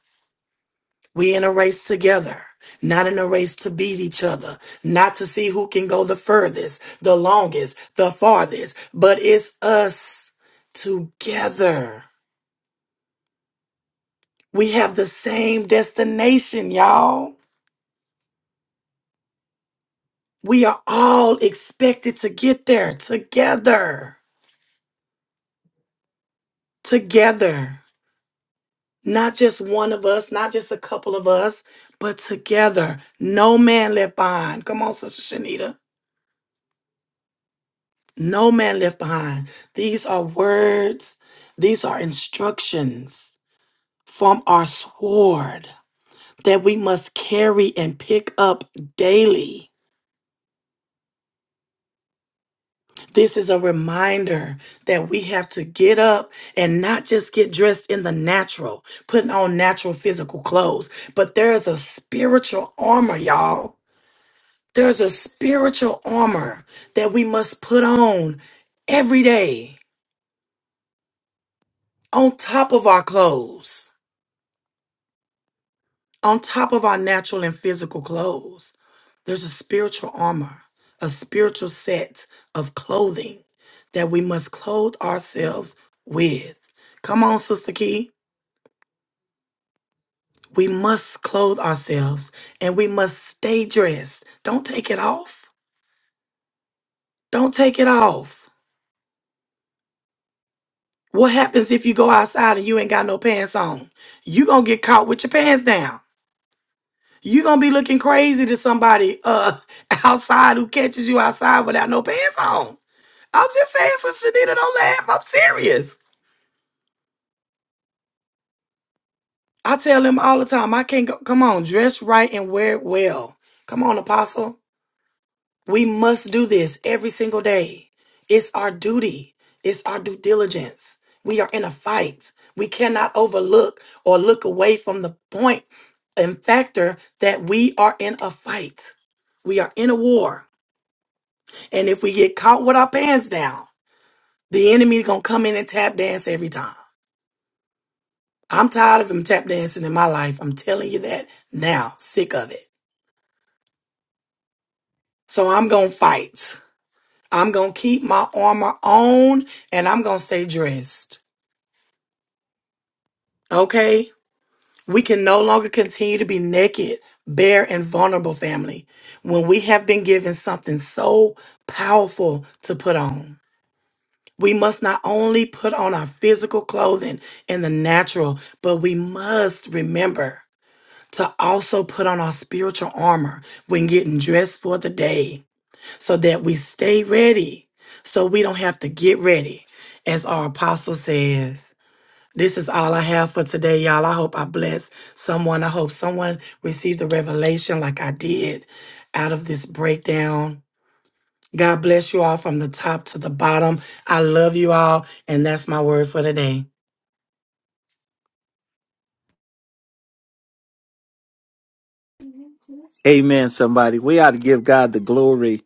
A: We in a race together, not in a race to beat each other, not to see who can go the furthest, the longest, the farthest, but it's us together. We have the same destination, y'all. We are all expected to get there together. Together. not just one of us, not just a couple of us, but together. No man left behind. Come on, Sister Shanita. No man left behind. These are words, these are instructions from our sword that we must carry and pick up daily. This is a reminder that we have to get up and not just get dressed in the natural, putting on natural physical clothes, but there is a spiritual armor, y'all There's a spiritual armor that we must put on every day, on top of our clothes, on top of our natural and physical clothes. There's a spiritual armor, a spiritual set of clothing that we must clothe ourselves with. Come on, Sister Key. We must clothe ourselves and we must stay dressed. Don't take it off. Don't take it off. What happens if you go outside and you ain't got no pants on? You gonna get caught with your pants down. You gonna be looking crazy to somebody uh outside who catches you outside without no pants on. I'm just saying, so Shanita, don't laugh. I'm serious. I tell them all the time, I can't go. Come on, dress right and wear it well. Come on, Apostle. We must do this every single day. It's our duty, it's our due diligence. We are in a fight. We cannot overlook or look away from the point and factor that we are in a fight. We are in a war. And if we get caught with our pants down, the enemy gonna come in and tap dance every time. I'm tired of him tap dancing in my life. I'm telling you that now. Sick of it. So I'm gonna fight. I'm going to keep my armor on and I'm going to stay dressed. Okay? We can no longer continue to be naked, bare, and vulnerable, family, when we have been given something so powerful to put on. We must not only put on our physical clothing in the natural, but we must remember to also put on our spiritual armor when getting dressed for the day. so that we stay ready, so we don't have to get ready. As our apostle says, this is all I have for today, y'all. I hope I bless someone. I hope someone received a revelation like I did out of this breakdown. God bless you all from the top to the bottom. I love you all, and that's my word for today.
B: Amen, somebody. We ought to give God the glory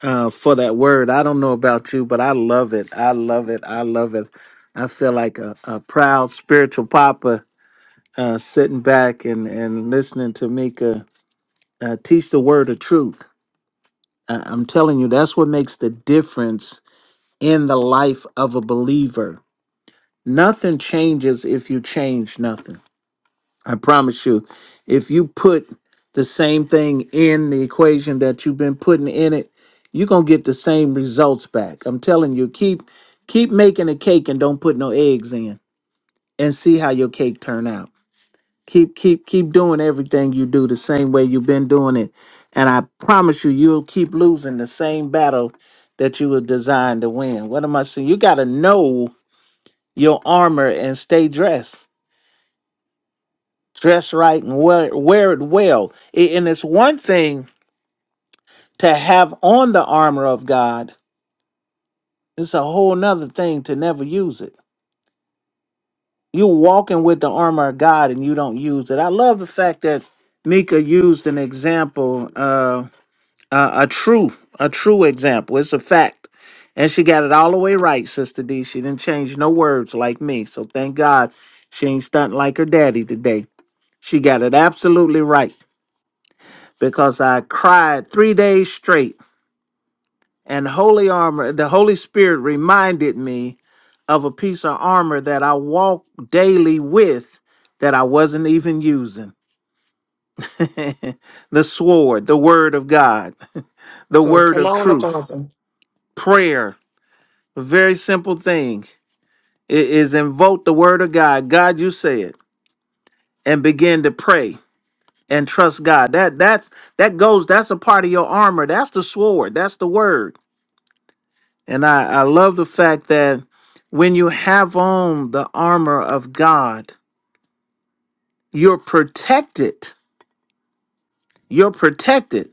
B: uh, for that word. I don't know about you, but I love it. I love it. I love it. I feel like a, a proud spiritual papa uh, sitting back and, and listening to Mika uh, teach the word of truth. I- I'm telling you, that's what makes the difference in the life of a believer. Nothing changes if you change nothing. I promise you. If you put the same thing in the equation that you've been putting in it, you're gonna get the same results back. I'm telling you, keep keep making a cake and don't put no eggs in and see how your cake turn out. Keep keep keep doing everything you do the same way you've been doing it. And I promise you you'll keep losing the same battle that you were designed to win. What am I saying? You gotta know your armor and stay dressed dress right and wear, wear it well. A- And it's one thing to have on the armor of God, it's a whole nother thing to never use it. You're walking with the armor of God and you don't use it. I love the fact that Mika used an example, uh, a, a true, a true example. It's a fact. And she got it all the way right, Sister D. She didn't change no words like me. So thank God she ain't stunting like her daddy today. She got it absolutely right. because I cried three days straight, and holy armor, the Holy Spirit reminded me of a piece of armor that I walk daily with that I wasn't even using. the sword, the word of God, the
A: So
B: word
A: come
B: of
A: on,
B: truth,
A: Apostle.
B: prayer, a very simple thing. It is invoke the word of God. God, you said, and begin to pray and trust God. That that's that goes, that's a part of your armor. That's the sword. That's the word And I, I love the fact that when you have on the armor of God, you're protected. You're protected.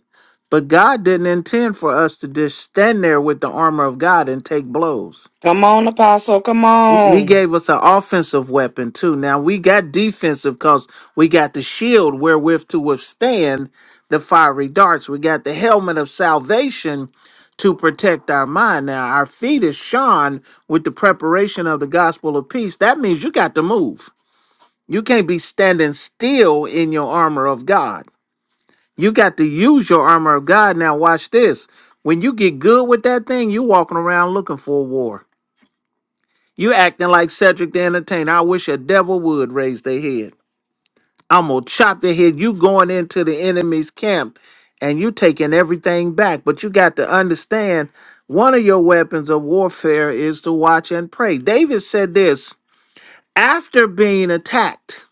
B: But God didn't intend for us to just stand there with the armor of God and take blows.
A: Come on, Apostle. Come
B: He he
A: on.
B: gave us an offensive weapon too. Now we got defensive because we got the shield wherewith to withstand the fiery darts. We got the helmet of salvation to protect our mind. Now our feet is shod with the preparation of the gospel of peace. That means you got to move. You can't be standing still in your armor of God. You got to use your armor of God. Now watch this. When you get good with that thing, you walking around looking for a war. You acting like Cedric the Entertainer. I wish a devil would raise their head. I'm gonna chop their head. You going into the enemy's camp and you taking everything back. But you got to understand one of your weapons of warfare is to watch and pray. David said this after being attacked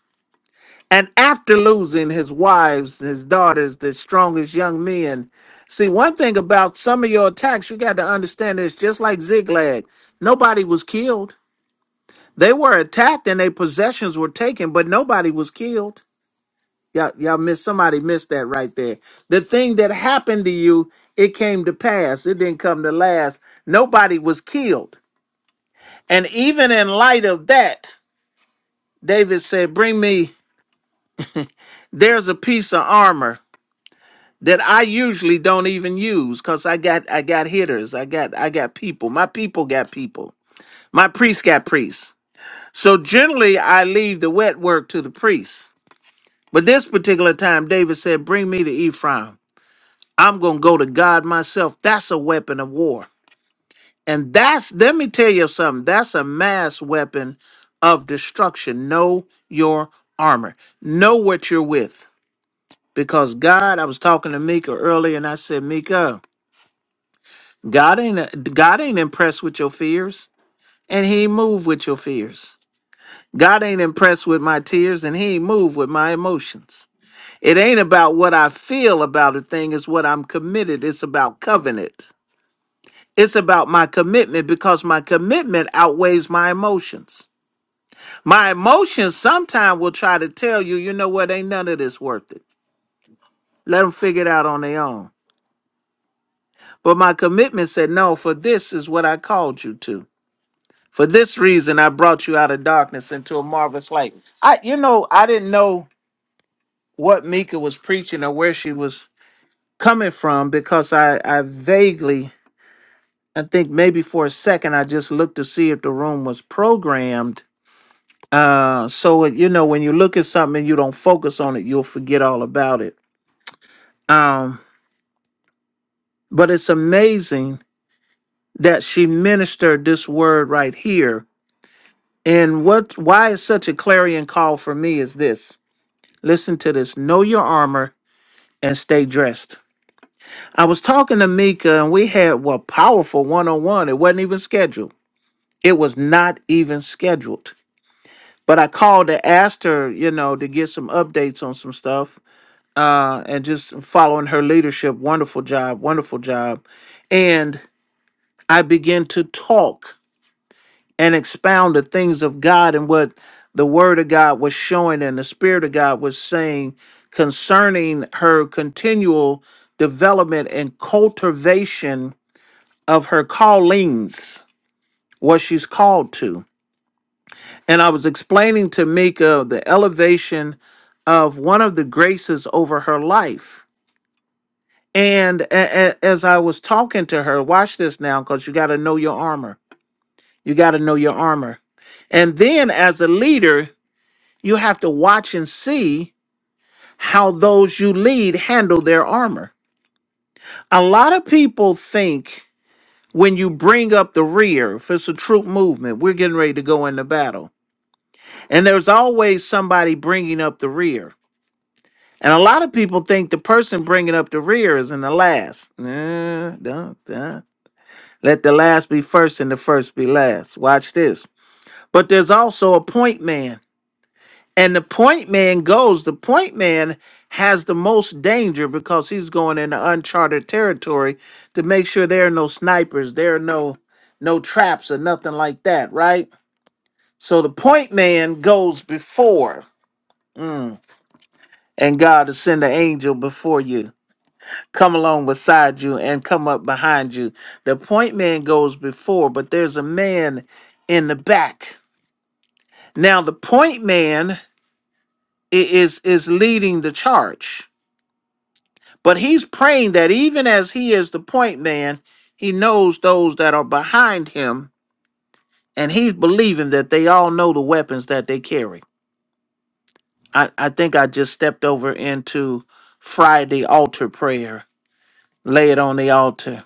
B: and after losing his wives, his daughters, the strongest young men. See, one thing about some of your attacks, you got to understand is just like Ziglag, nobody was killed they were attacked and their possessions were taken, but nobody was killed. Y'all, y'all missed somebody missed that right there. The thing that happened to you, it came to pass. It didn't come to last. Nobody was killed. And even in light of that, David said, Bring me, there's a piece of armor that I usually don't even use because I got I got hitters. I got I got people. My people got people. My priest got priests. So generally I leave the wet work to the priests But this particular time, David said, Bring me to Ephraim. I'm going to go to God myself. That's a weapon of war. And that's, let me tell you something, that's a mass weapon of destruction. Know your armor, know what you're with. Because God, I was talking to Mika earlier and I said, Mika, God ain't, God ain't impressed with your fears and he ain't moved with your fears. God ain't impressed with my tears and he ain't moved with my emotions. It ain't about what I feel about a thing, it's what I'm committed. It's about covenant. It's about my commitment because my commitment outweighs my emotions. My emotions sometimes will try to tell you, you know what, ain't none of this worth it. Let them figure it out on their own. But my commitment said, no, for this is what I called you to. For this reason, I brought you out of darkness into a marvelous light. I, you know, I didn't know what Mika was preaching or where she was coming from because I, I vaguely I think maybe for a second I just looked to see if the room was programmed. Uh, so it- you know when you look at something and you don't focus on it, you'll forget all about it. Um, but it's amazing that she ministered this word right here. And what why it's such a clarion call for me is this. Listen to this. Know your armor and stay dressed. I was talking to Mika and we had a well powerful one on one. It wasn't even scheduled. It was not even scheduled but I called to ask her, you know, to get some updates on some stuff, uh, and just following her leadership. Wonderful job, wonderful job. And I began to talk and expound the things of God and what the Word of God was showing and the Spirit of God was saying concerning her continual development and cultivation of her callings, what she's called to and I was explaining to Mika the elevation of one of the graces over her life. And a- a- as I was talking to her, watch this now, because you got to know your armor. You got to know your armor. And then as a leader, you have to watch and see how those you lead handle their armor. A lot of people think when you bring up the rear, if it's a troop movement, we're getting ready to go into battle. And there's always somebody bringing up the rear And a lot of people think the person bringing up the rear is in the last. Nah, don't, uh, Let the last be first and the first be last. Watch this. But there's also a point man. And the point man goes, the point man has the most danger because he's going into uncharted territory to make sure there are no snipers, there are no no traps or nothing like that, right? So the point man goes before, and God will send an angel before you. come along beside you and come up behind you. The point man goes before, but there's a man in the back. Now the point man i- is is leading the charge, but he's praying that even as he is the point man, he knows those that are behind him, and he's believing that they all know the weapons that they carry. I, I think I just stepped over into Friday altar prayer. Lay it on the altar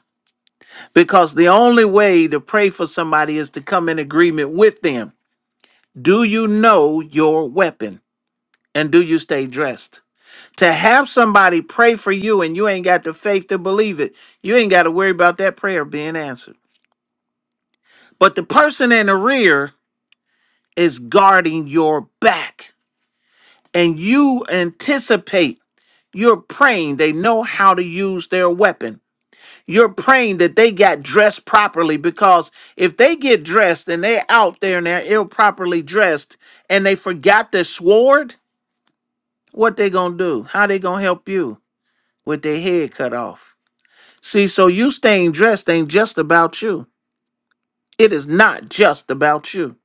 B: Because the only way to pray for somebody is to come in agreement with them. Do you know your weapon? And do you stay dressed? To have somebody pray for you and you ain't got the faith to believe it, you ain't got to worry about that prayer being answered. But the person in the rear is guarding your back, and you anticipate you're praying. They know how to use their weapon You're praying that they got dressed properly because if they get dressed and they're out there and they're ill properly dressed and they forgot their sword, what they gonna do? How they gonna help you with their head cut off? See, so you staying dressed ain't just about you. It is not just about you.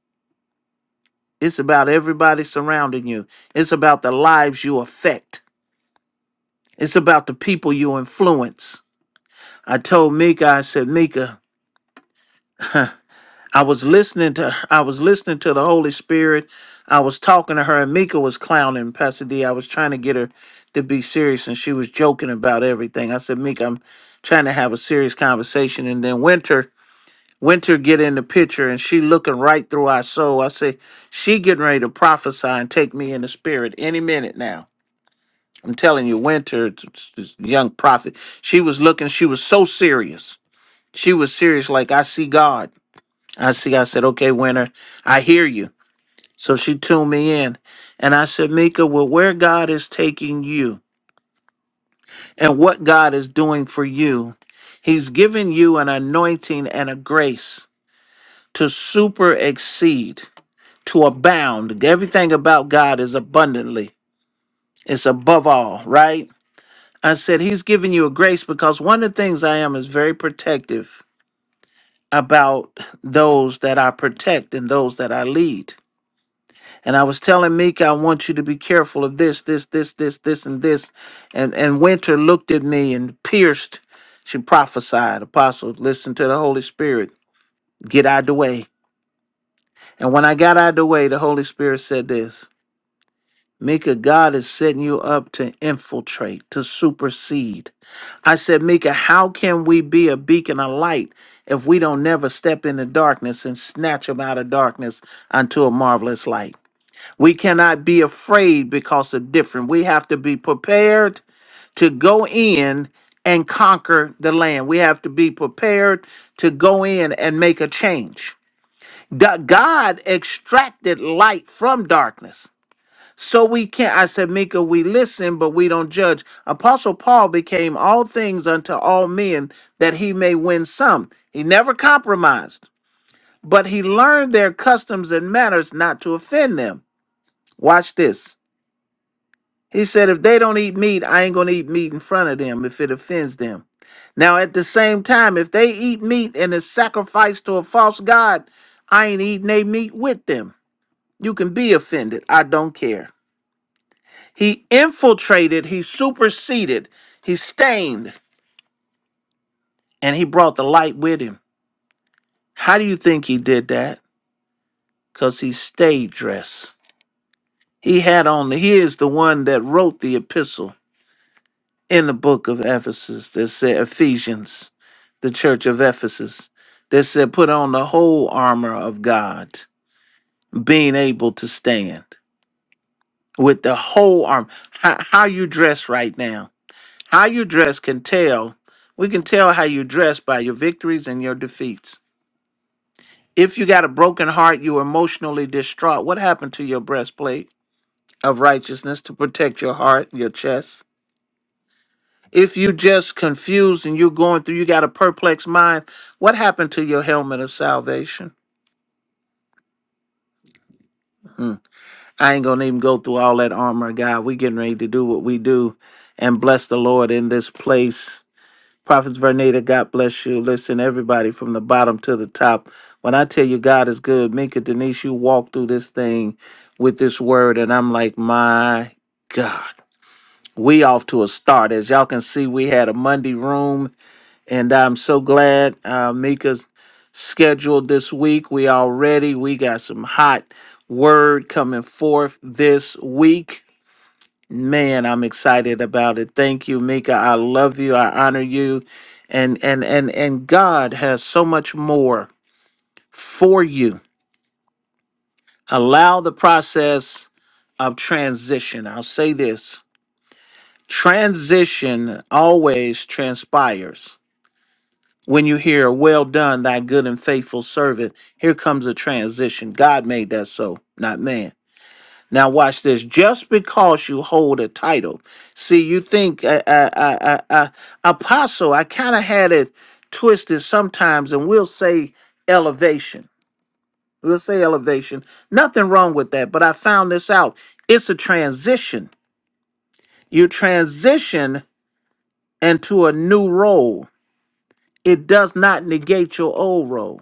B: It's about everybody surrounding you. It's about the lives you affect. It's about the people you influence. I told Mika, I said, Mika, I was listening to I was listening to the Holy Spirit. I was talking to her and Mika was clowning Pastor D. I was trying to get her to be serious and she was joking about everything. I said, Mika, I'm trying to have a serious conversation. And then Winter, Winter get in the picture and she looking right through our soul. I say, she getting ready to prophesy and take me in the spirit any minute now. I'm telling you, Winter, t- t- this young prophet, she was looking, she was so serious. She was serious, like I see God. I see. I said, okay, Winter, I hear you. So she tuned me in. And I said, Mika, well, where God is taking you and what God is doing for you, He's given you an anointing and a grace to super exceed, to abound. Everything about God is abundantly, it's above all, right? I said, He's giving you a grace because one of the things I am is very protective about those that I protect and those that I lead. And I was telling Mika, I want you to be careful of this, this, this, this, this, and this. And and Winter looked at me and pierced. She prophesied, Apostle, listen to the Holy Spirit. Get out the way. And when I got out the way, the Holy Spirit said this. Mika, God is setting you up to infiltrate, to supersede. I said, Mika, how can we be a beacon of light if we don't never step into darkness and snatch them out of darkness unto a marvelous light? We cannot be afraid because of different. We have to be prepared to go in and conquer the land. We have to be prepared to go in and make a change. Da- God extracted light from darkness. So we can't, I said, Mika, we listen, but we don't judge. Apostle Paul became all things unto all men that he may win some. He never compromised, but he learned their customs and manners not to offend them. Watch this. He said, if they don't eat meat, I ain't going to eat meat in front of them if it offends them. Now, at the same time, if they eat meat and is sacrificed to a false god, I ain't eating they meat with them. You can be offended. I don't care. He infiltrated, he superseded, he stained, and he brought the light with him. How do you think he did that? Because he stayed dressed. He had on the, he is the one that wrote the epistle. in the book of Ephesus that said Ephesians, the church of Ephesus, that said put on the whole armor of God, being able to stand with the whole armor. How, how you dress right now, how you dress can tell. We can tell how you dress by your victories and your defeats. If you got a broken heart, you emotionally distraught. What happened to your breastplate of righteousness to protect your heart, your chest? if you just confused and you're going through, you got a perplexed mind, what happened to your helmet of salvation? Hmm. I ain't gonna even go through all that armor, God. We getting ready to do what we do and bless the Lord in this place. Prophets Vernita, God bless you. Listen, everybody from the bottom to the top. When I tell you God is good, Minka Denise, you walk through this thing with this word, and I'm like, my God. We off to a start. As y'all can see, we had a Monday room. And I'm so glad uh, Mika's scheduled this week. We all ready. We got some hot word coming forth this week. Man, I'm excited about it. Thank you, Mika. I love you. I honor you. And and and and God has so much more for you. Allow the process of transition. I'll say this. Transition always transpires When you hear, well done, thy good and faithful servant, here comes a transition. God made that so, not man. Now watch this. Just because you hold a title, see, you think uh, uh, uh, uh, uh, apostle. I kind of had it twisted sometimes, and we'll say elevation. We'll say elevation. Nothing wrong with that. But I found this out. It's a transition. You transition into a new role. It does not negate your old role.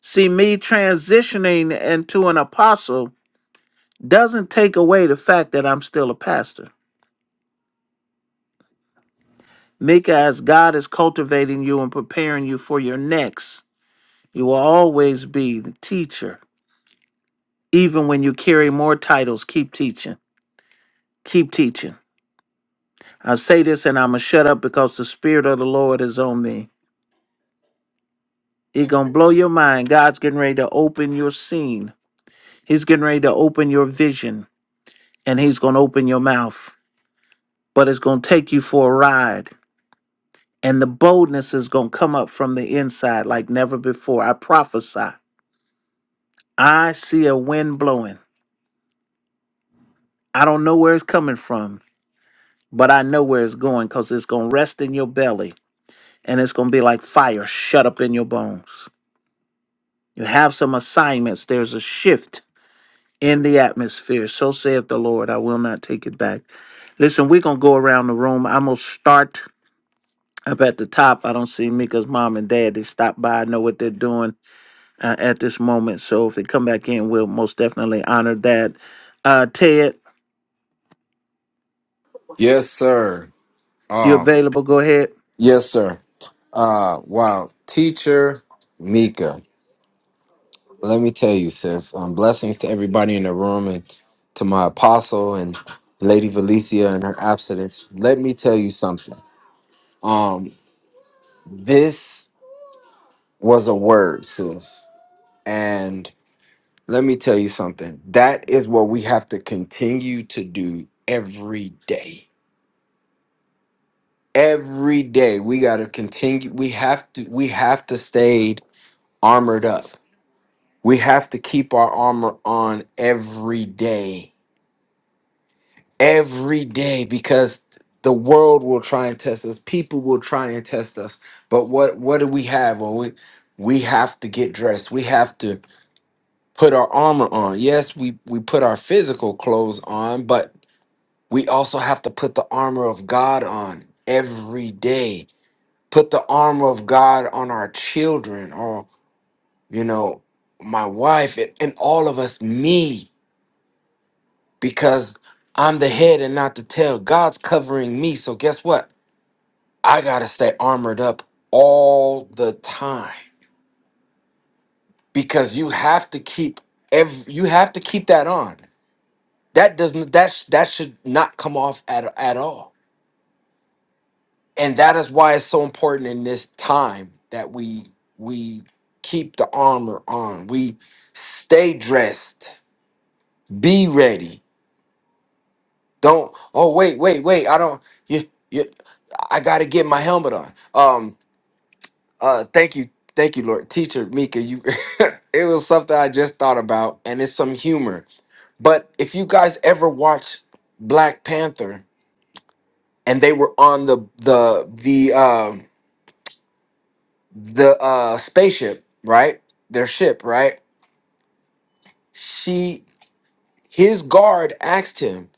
B: See, me transitioning into an apostle doesn't take away the fact that I'm still a pastor. Mika, as God is cultivating you and preparing you for your next, you will always be the teacher. Even when you carry more titles, keep teaching. Keep teaching. I say this and I'm going to shut up because the Spirit of the Lord is on me. It's going to blow your mind. God's getting ready to open your scene, He's getting ready to open your vision, and He's going to open your mouth. But it's going to take you for a ride and the boldness is going to come up from the inside like never before. I prophesy. I see a wind blowing. I don't know where it's coming from, but I know where it's going because it's going to rest in your belly and it's going to be like fire shut up in your bones. You have some assignments. There's a shift in the atmosphere. So saith the Lord. I will not take it back. Listen, we're going to go around the room. I'm going to start up at the top. I don't see Mika's mom and dad. They stopped by. I know what they're doing. uh, at this moment. So if they come back in, we'll most definitely honor that. Uh, Ted,
C: Yes, sir.
B: you
C: Um,
B: available? Go ahead.
C: yes, sir. Uh, wow, teacher Mika. Let me tell you, sis. Um, blessings to everybody in the room and to my apostle and Lady Valicia in her absence. Let me tell you something. Um. This was a word, sis. And let me tell you something. That is what we have to continue to do every day. Every day we got to continue we have to we have to stay armored up. We have to keep our armor on every day. Every day because the world will try and test us. People will try and test us. But what what do we have? Well, we we have to get dressed. We have to put our armor on. Yes, we we put our physical clothes on, but we also have to put the armor of God on every day. Put the armor of God on our children or you know, my wife and, and all of us me because I'm the head and not the tail. God's covering me. So guess what? I got to stay armored up all the time because you have to keep every, you have to keep that on. that doesn't that sh- that should not come off at at all and that is why it's so important in this time that we we keep the armor on we stay dressed be ready don't oh wait wait wait i don't you, you i gotta get my helmet on um uh thank you thank you lord teacher mika you it was something i just thought about and it's some humor but if you guys ever watch black panther and they were on the the the um the uh spaceship, right? Their ship, right? She his guard asked him.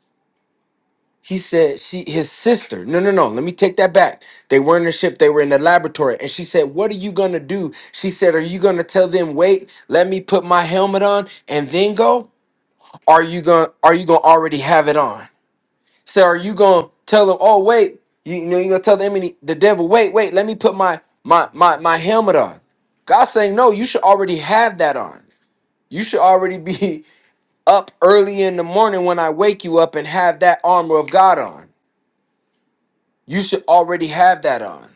C: He said she his sister. No, no, no. Let me take that back. They were in the ship, they were in the laboratory, and she said, "What are you going to do?" She said, "Are you going to tell them, "Wait, let me put my helmet on and then go?" Are you going to are you going to already have it on? So are you gonna tell them, oh wait, you, you know you're gonna tell the enemy the devil, wait, wait, let me put my my my my helmet on. God's saying, no, you should already have that on. You should already be up early in the morning when I wake you up and have that armor of God on. You should already have that on.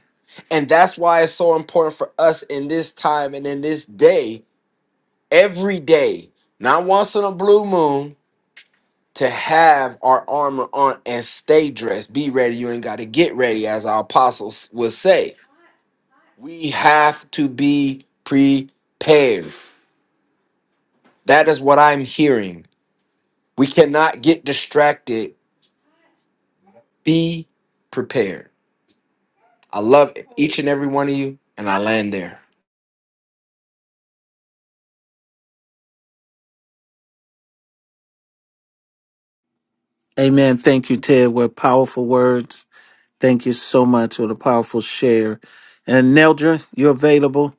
C: And that's why it's so important for us in this time and in this day, every day, not once in a blue moon, to have our armor on and stay dressed. Be ready. You ain't got to get ready, as our apostles would say. We have to be prepared. That is what I'm hearing. We cannot get distracted. Be prepared. I love each and every one of you, and I land there.
B: Amen. Thank you, Ted. What powerful words. Thank you so much for the powerful share. And Neldra, you available?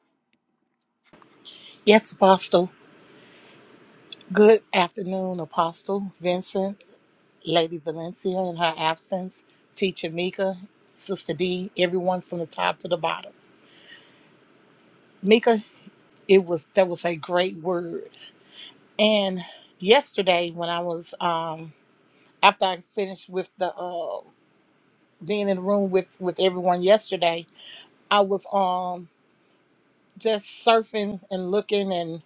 D: Yes, Apostle. Good afternoon, Apostle Vincent, Lady Valencia in her absence, Teacher Mika, Sister D, everyone from the top to the bottom. Mika, it was that was a great word. And yesterday, when I was um after I finished with the uh, being in the room with with everyone yesterday, I was um just surfing and looking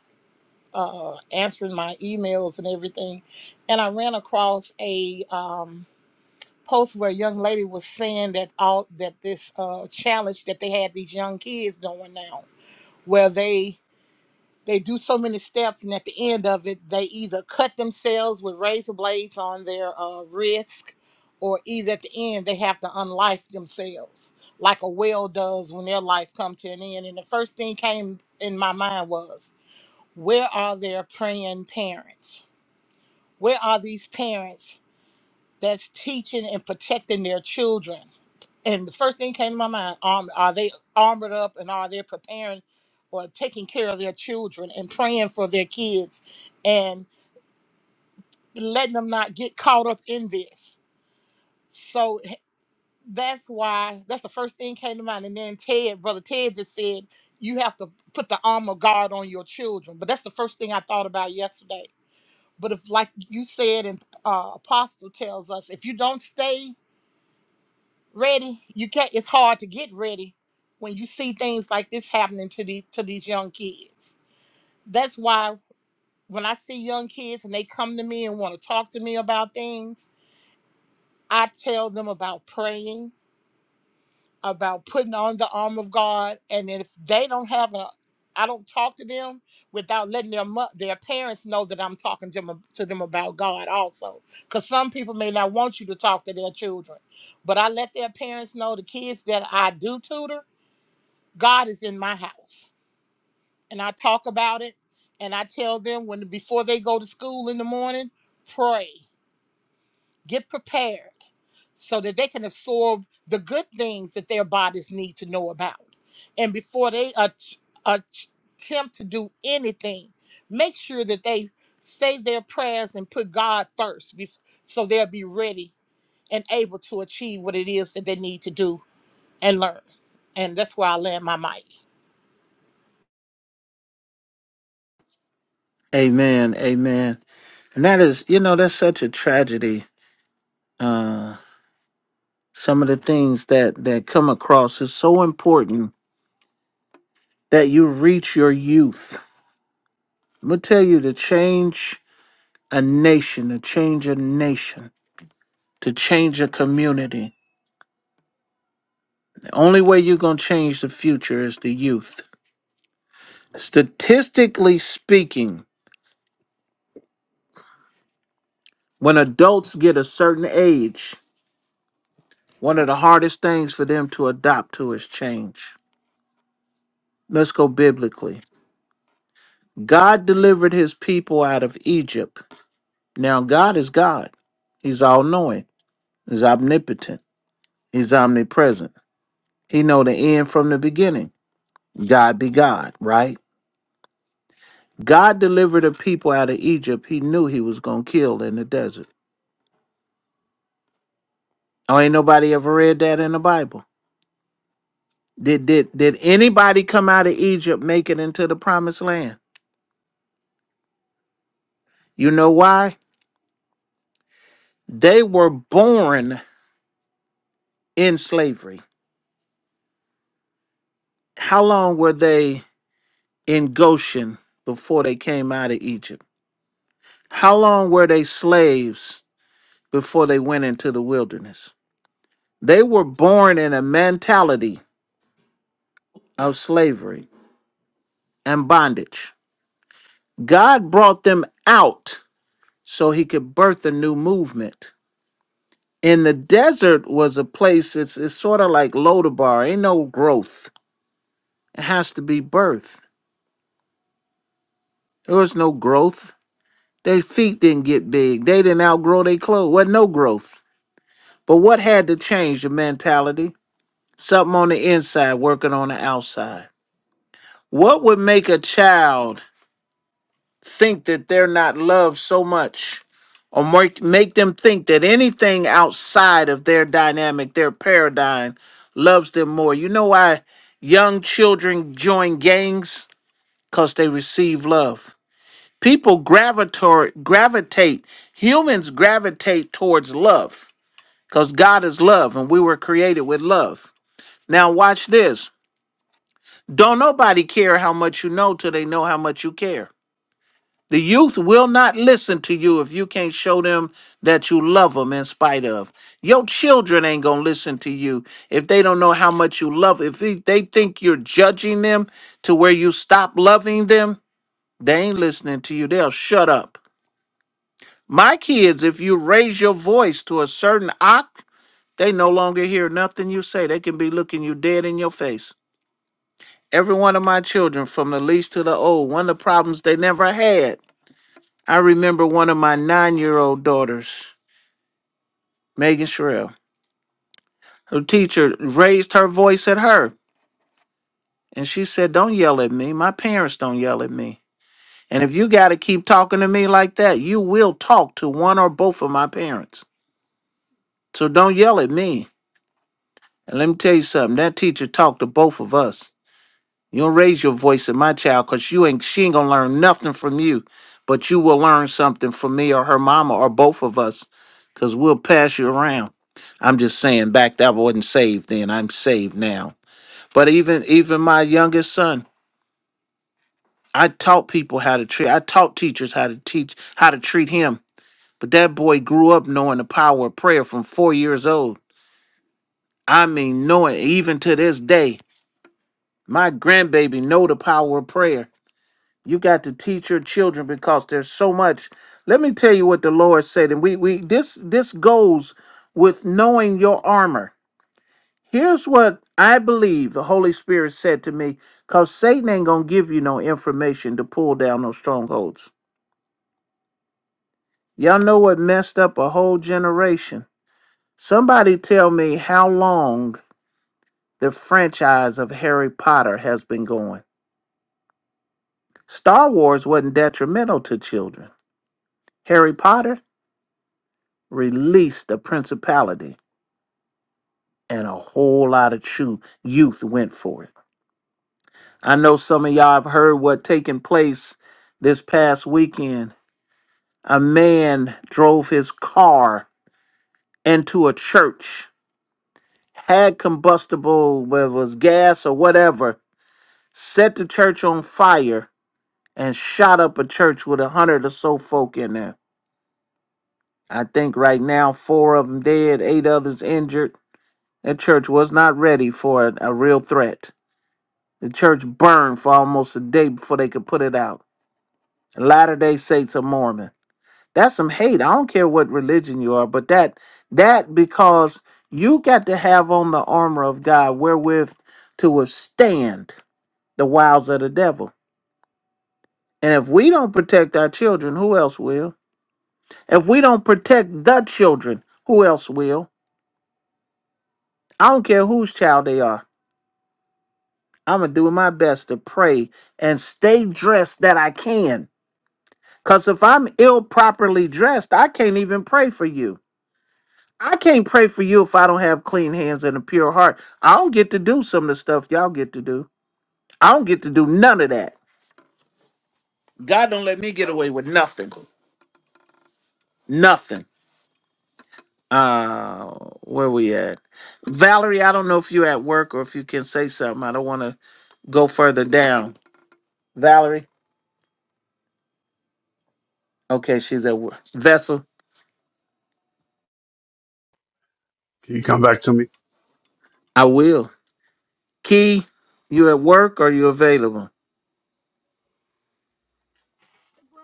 D: uh, answering my emails and everything, and I ran across a um, post where a young lady was saying that all that this uh, challenge that they had these young kids doing now, where they they do so many steps, and at the end of it, they either cut themselves with razor blades on their uh, wrist, or either at the end they have to unlife themselves, like a whale does when their life come to an end. And the first thing came in my mind was where are their praying parents? Where are these parents that's teaching and protecting their children? And the first thing came to my mind, um, are they armored up and are they preparing or taking care of their children and praying for their kids and letting them not get caught up in this? So h- that's why that's the first thing came to mind. And then Ted, brother Ted just said, you have to put the armor guard on your children. But that's the first thing I thought about yesterday But if, like you said, and uh, Apostle tells us, if you don't stay ready, you can't. It's hard to get ready when you see things like this happening to the to these young kids. That's why when I see young kids and they come to me and want to talk to me about things, I tell them about praying. about putting on the arm of God. And if they don't have a, I don't talk to them without letting their mo- their parents know that I'm talking to them, to them about God also. Because some people may not want you to talk to their children, but I let their parents know the kids that I do tutor, God is in my house, and I talk about it, and I tell them when before they go to school in the morning, pray. Get prepared so that they can absorb the good things that their bodies need to know about. And before they at- attempt to do anything, make sure that they say their prayers and put God first bef- so they'll be ready and able to achieve what it is that they need to do and learn. And that's where I land my mic.
B: Amen. Amen. And that is, you know, that's such a tragedy. Uh, some of the things that that come across is so important that you reach your youth. I'm gonna tell you to change a nation, to change a nation to change a community. The only way you're going to change the future is the youth. Statistically speaking, when adults get a certain age, one of the hardest things for them to adopt to is change. Let's go biblically. God delivered his people out of Egypt. Now, God is God. He's all knowing, He's omnipotent, He's omnipresent. He know the end from the beginning. God be God, right? God delivered a people out of Egypt he knew he was gonna kill in the desert. Oh, ain't nobody ever read that in the Bible. Did did did anybody come out of Egypt make it into the promised land? You know why? They were born in slavery. How long were they in Goshen before they came out of Egypt? How long were they slaves before they went into the wilderness? They were born in a mentality of slavery and bondage. God brought them out so he could birth a new movement. And the desert was a place, it's, it's sort of like Lodabar, ain't no growth. It has to be birth. There was no growth. Their feet didn't get big. They didn't outgrow their clothes. Wasn't no growth. But what had to change the mentality? Something on the inside working on the outside. What would make a child think that they're not loved so much or make, make them think that anything outside of their dynamic, their paradigm, loves them more. You know why young children join gangs? Because they receive love. People gravitate, gravitate, humans gravitate towards love because God is love and we were created with love. Now, watch this. Don't nobody care how much you know till they know how much you care. The youth will not listen to you if you can't show them that you love them in spite of. Your children ain't going to listen to you if they don't know how much you love. If they, they think you're judging them to where you stop loving them, they ain't listening to you. They'll shut up. My kids, if you raise your voice to a certain oct, they no longer hear nothing you say. They can be looking you dead in your face. Every one of my children, from the least to the old, one of the problems they never had I remember one of my nine year old daughters, Megan Sherrill, her teacher raised her voice at her. And she said, Don't yell at me. My parents don't yell at me. And if you got to keep talking to me like that, you will talk to one or both of my parents. So don't yell at me. And let me tell you something that teacher talked to both of us. You don't raise your voice at my child because you ain't she ain't gonna learn nothing from you, but you will learn something from me or her mama or both of us, because we'll pass you around. I'm just saying back that I wasn't saved then. I'm saved now. But even even my youngest son, I taught people how to treat I taught teachers how to teach how to treat him. But that boy grew up knowing the power of prayer from four years old. I mean knowing even to this day. My grandbaby know the power of prayer You got to teach your children because there's so much. Let me tell you what the Lord said, and we we this this goes with knowing your armor. Here's what I believe the Holy Spirit said to me, because Satan ain't gonna give you no information to pull down those strongholds. Y'all know what messed up a whole generation. Somebody tell me how long the franchise of Harry Potter has been going. Star Wars wasn't detrimental to children. Harry Potter release the principality, and a whole lot of chew, youth went for it. I know some of y'all have heard what taking place this past weekend. A man drove his car into a church, had combustible, whether it was gas or whatever, set the church on fire, and shot up a church with a hundred or so folk in there. I think right now four of them dead, eight others injured. That church was not ready for a a real threat. The church burned for almost a day before they could put it out. Latter day Saints are Mormon. That's some hate. I don't care what religion you are, but that that because you got to have on the armor of God wherewith to withstand the wiles of the devil. And if we don't protect our children, who else will? If we don't protect the children, who else will? I don't care whose child they are. I'm gonna do my best to pray and stay dressed that I can Because if I'm ill properly dressed, I can't even pray for you. I can't pray for you if I don't have clean hands and a pure heart. I don't get to do some of the stuff y'all get to do. I don't get to do none of that. God don't let me get away with nothing. Nothing. Uh where we at? Valerie, I don't know if you're at work or if you can say something. I don't want to go further down. Valerie? Okay, she's at work. Vessel,
E: Can you come back to me?
B: I will. Key, you at work or you available?
F: Well,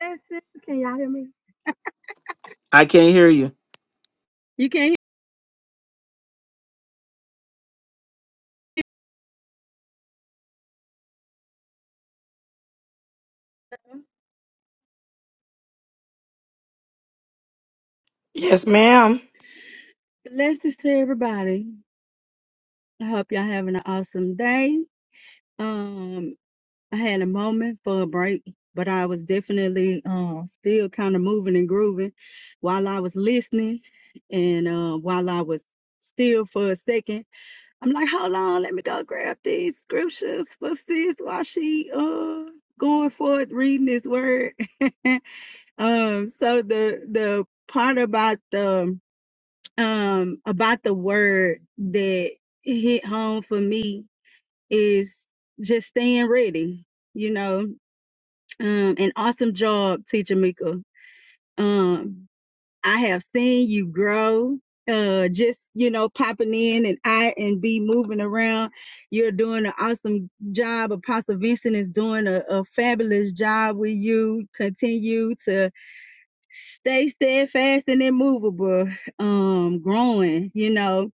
F: blessings. Can y'all hear me?
B: I can't hear you.
F: You can hear me?
A: Yes, ma'am.
F: blessings to everybody. I hope y'all having an awesome day. Um, I had a moment for a break, but I was definitely uh still kind of moving and grooving while I was listening, and uh, while I was still for a second, I'm like, hold on, let me go grab these scriptures for sis while she uh going forth reading this word. um, so the the part about the um about the word that hit home for me is just staying ready you know um an awesome job teacher mika um i have seen you grow uh just you know popping in and i and be moving around you're doing an awesome job apostle vincent is doing a, a fabulous job with you continue to stay steadfast and immovable um growing you know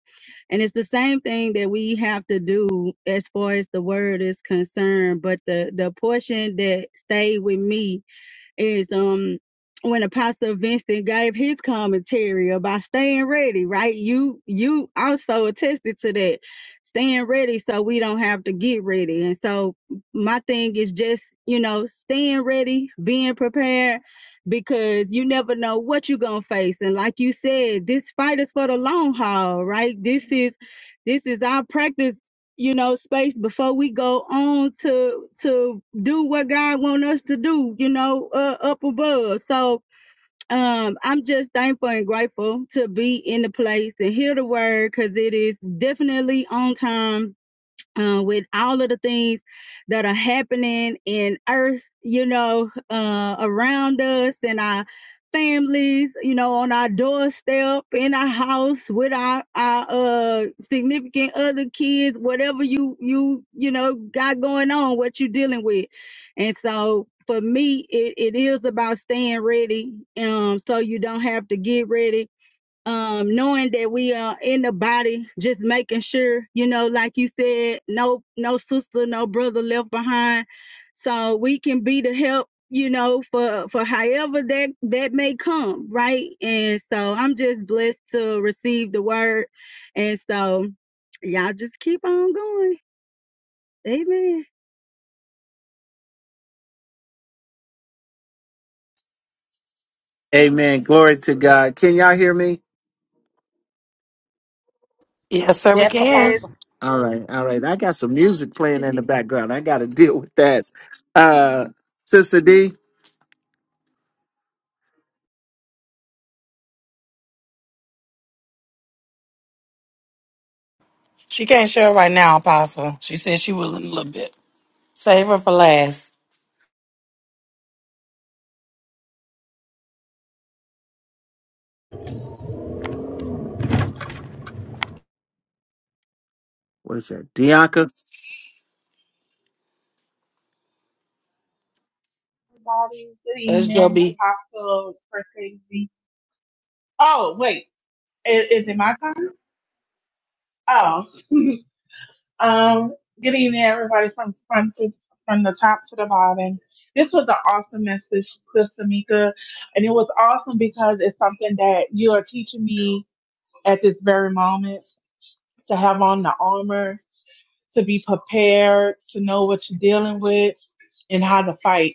F: and it's the same thing that we have to do as far as the word is concerned. But the the portion that stayed with me is um when Apostle Vincent gave his commentary about staying ready, right? You you also attested to that. Staying ready so we don't have to get ready. And so my thing is just, you know, staying ready, being prepared because you never know what you're gonna face. And like you said, this fight is for the long haul, right? This is this is our practice you know space before we go on to to do what god want us to do you know uh, up above so um i'm just thankful and grateful to be in the place and hear the word because it is definitely on time uh, with all of the things that are happening in earth, you know, uh, around us and our families, you know, on our doorstep, in our house, with our, our uh, significant other kids, whatever you, you, you know, got going on, what you dealing with. And so for me, it, it is about staying ready um, so you don't have to get ready um, knowing that we are in the body, just making sure, you know, like you said, no, no sister, no brother left behind, so we can be the help, you know, for for however that that may come, right? And so I'm just blessed to receive the word, and so y'all just keep on going, Amen.
B: Amen. Glory to God. Can y'all hear me?
A: Yes, sir, we
D: Yes,
A: can.
D: Apostle.
G: Yes,
B: All right. All right. I got some music playing in the background. I got to deal with that. Uh, Sister D,
A: She can't share right now, Apostle. She said she will in a little bit. Save her for last.
B: what is that? Dianca.
H: everybody. Good
A: That's
H: evening,
A: Joby.
H: Apostle for crazy. Oh, wait, is, is it my turn? Oh, um, good evening, everybody from from to from the top to the bottom. This was an awesome message, Sister Mika, and it was awesome because it's something that you are teaching me at this very moment to have on the armor, to be prepared, to know what you're dealing with, and how to fight.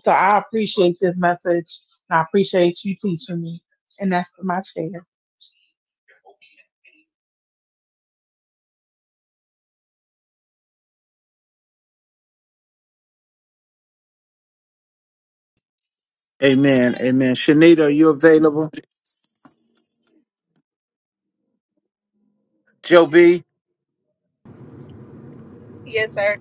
H: So I appreciate this message. And I appreciate you teaching me. And that's my share.
B: Amen. Amen. Shanita, are you available? Joe B.
G: yes, sir.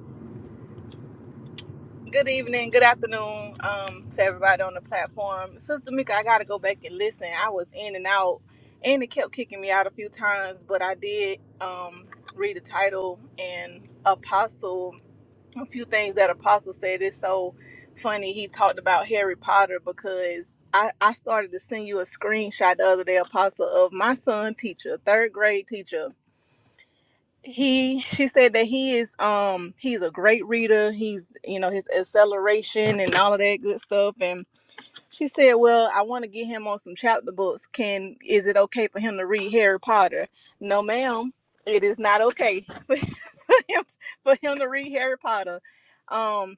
G: Good evening, good afternoon, um, to everybody on the platform. Sister Mika, I gotta go back and listen. I was in and out, and it kept kicking me out a few times, but I did um read the title and Apostle. A few things that Apostle said is so funny. He talked about Harry Potter because I I started to send you a screenshot the other day, Apostle, of my son teacher, third grade teacher. he she said that he is um he's a great reader he's you know his acceleration and all of that good stuff and. She said, "Well, I want to get him on some chapter books. Can is it okay for him to read Harry Potter?" No, ma'am. It is not okay for him for him to read Harry Potter. Um,